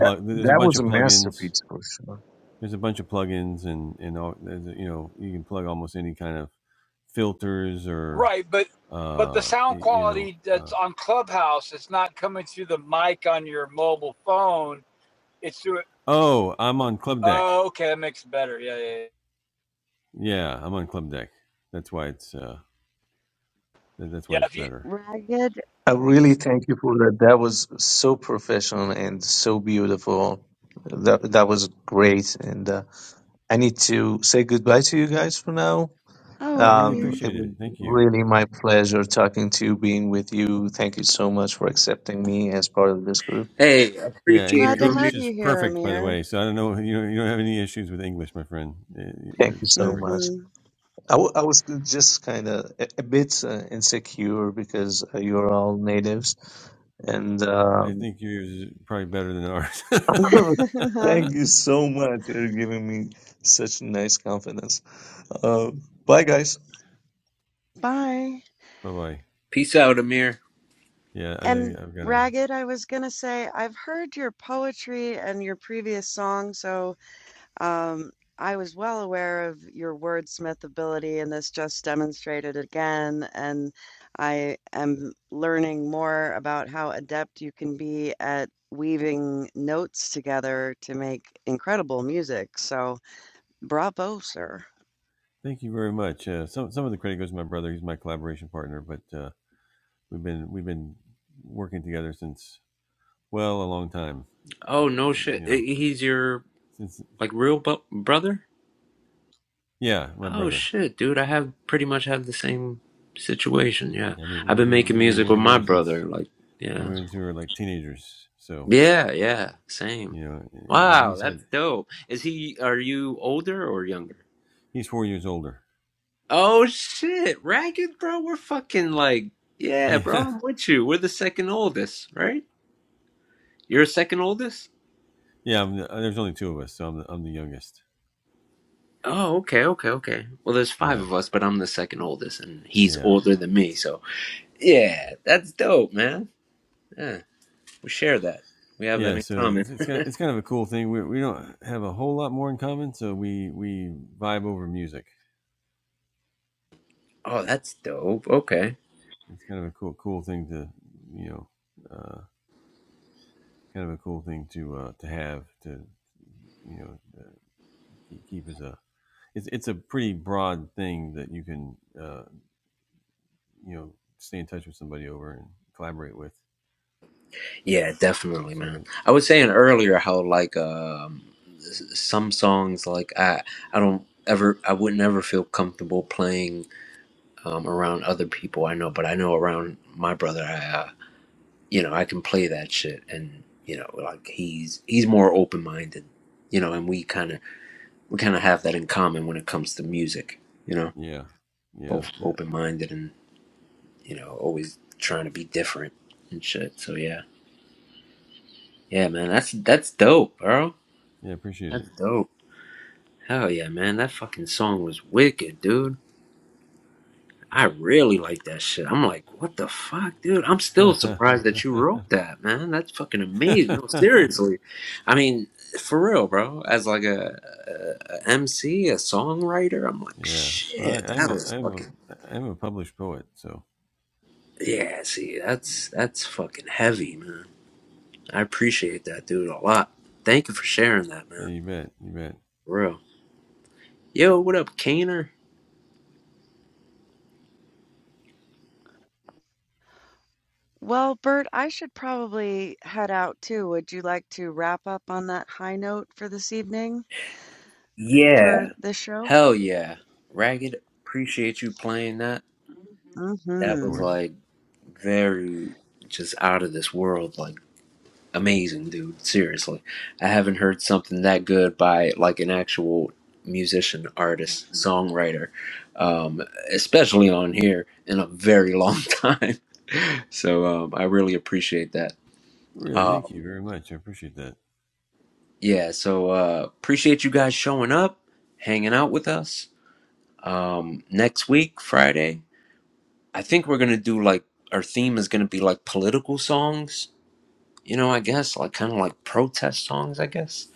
That that was a masterpiece for sure.
right, but but the sound quality that's on Clubhouse, it's not coming through the mic on your mobile phone. It's through. Oh, okay, that makes it better. Yeah, yeah, yeah. Yeah, if you
Ragged.
I really thank you for that. That was so professional and so beautiful. That that was great, and uh, I need to say goodbye to you guys for now.
Oh, okay.
Um, it was really my pleasure talking to you, being with you. Thank you so much for accepting me as part of this group.
Hey, appreciate
Glad to
you,
have
Amir.
you here, Amir.
Thank you so much.
Mm-hmm.
I w- I was just kind of a, a bit uh, insecure because uh, you're all natives. And um, thank you so much for giving me such nice confidence. Uh, bye, guys.
Bye.
Peace out, Amir.
And Ragged, I was gonna say, I've heard your poetry and your previous song, so. Um, I was well aware of your wordsmith ability, and this just demonstrated it again. And I am learning more about how adept you can be at weaving notes together to make incredible music. So, bravo, sir.
Oh, no shit. I- He's your, like, real bu- brother? Oh, shit, dude. I have pretty much have the same situation, yeah. I've been making music with my brother, like, yeah. Yeah, yeah, same. Wow, that's dope. Is he, are you older or younger? Oh shit, Ragged, bro, we're fucking like, yeah, bro, I'm with you. We're the second oldest, right? You're second oldest? Oh, okay, okay, okay. Well, there's five of us, but I'm the second oldest, and he's older than me, so yeah, that's dope, man. Yeah, we share that. We have that in common. oh, that's dope. Okay. Yeah, definitely, man. I was saying earlier how like um s- some songs like I I don't ever I would never feel comfortable playing um, around other people I know, but I know around my brother, I, uh, you know, I can play that shit, and you know, like he's he's more open minded, you know, and we kind of we kind of have that in common when it comes to music, you know, both open minded and you know always trying to be different and shit. So yeah, yeah, man, that's that's dope, bro. That's dope. Hell yeah, man, that fucking song was wicked, dude. I really like that shit. I'm like, what the fuck, dude? I'm still surprised that you wrote that, man. That's fucking amazing. No, seriously. I mean, for real, bro. As like a, MC, a M C, a songwriter, I'm like, shit, that was fucking yeah. See, that's that's fucking heavy, man. I appreciate that, dude, a lot. Thank you for sharing that, man. For real. Yo, what up, Kaner?
Well, Bert, I should probably head out too. Would you like to wrap up on that high note for this evening,
Yeah,
for this show?
hell yeah, Ragged. Appreciate you playing that. That was
Mm-hmm.
like. very just out of this world, like amazing, dude. Seriously, I haven't heard something that good by like an actual musician, artist, songwriter, um, especially on here in a very long time. So um, I really appreciate that. Um, yeah, so uh, appreciate you guys showing up, hanging out with us. Um, next week, Friday, I think we're gonna do like our theme is gonna be like political songs you know, I guess like kind of like protest songs, I guess.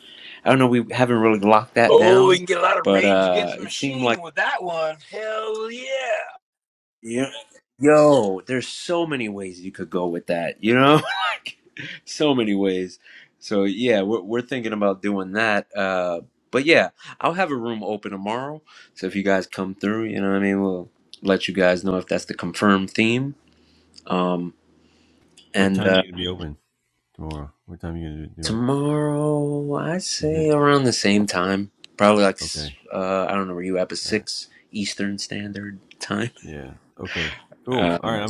I don't know, we haven't really locked that
oh, we
down,
can get a lot of
but
Rage
uh
Against the
it seemed like
Machine with that one. Hell yeah!
yeah, yo, there's so many ways you could go with that, you know? like so many ways. So yeah, we're we're thinking about doing that. Uh but yeah, I'll have a room open tomorrow. So if you guys come through, you know what I mean, we'll let you guys know if that's the confirmed theme. Um and uh, Tomorrow, I say around the same time, probably like s- uh, I don't know where you up at, but six Eastern Standard Time. Um,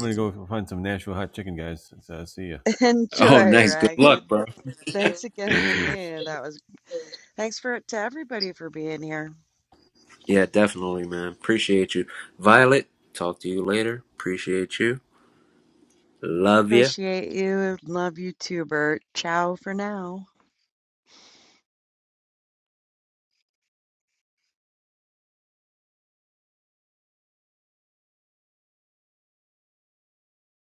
oh,
Enjoy,
nice. Good
Ragged.
luck, bro.
Thanks again for being. here. That was Thanks for to everybody for being here.
yeah, definitely, man. Appreciate you, Violet. Talk to you later. Appreciate you. Love you.
Appreciate you. Love you too, Bert. Ciao for now.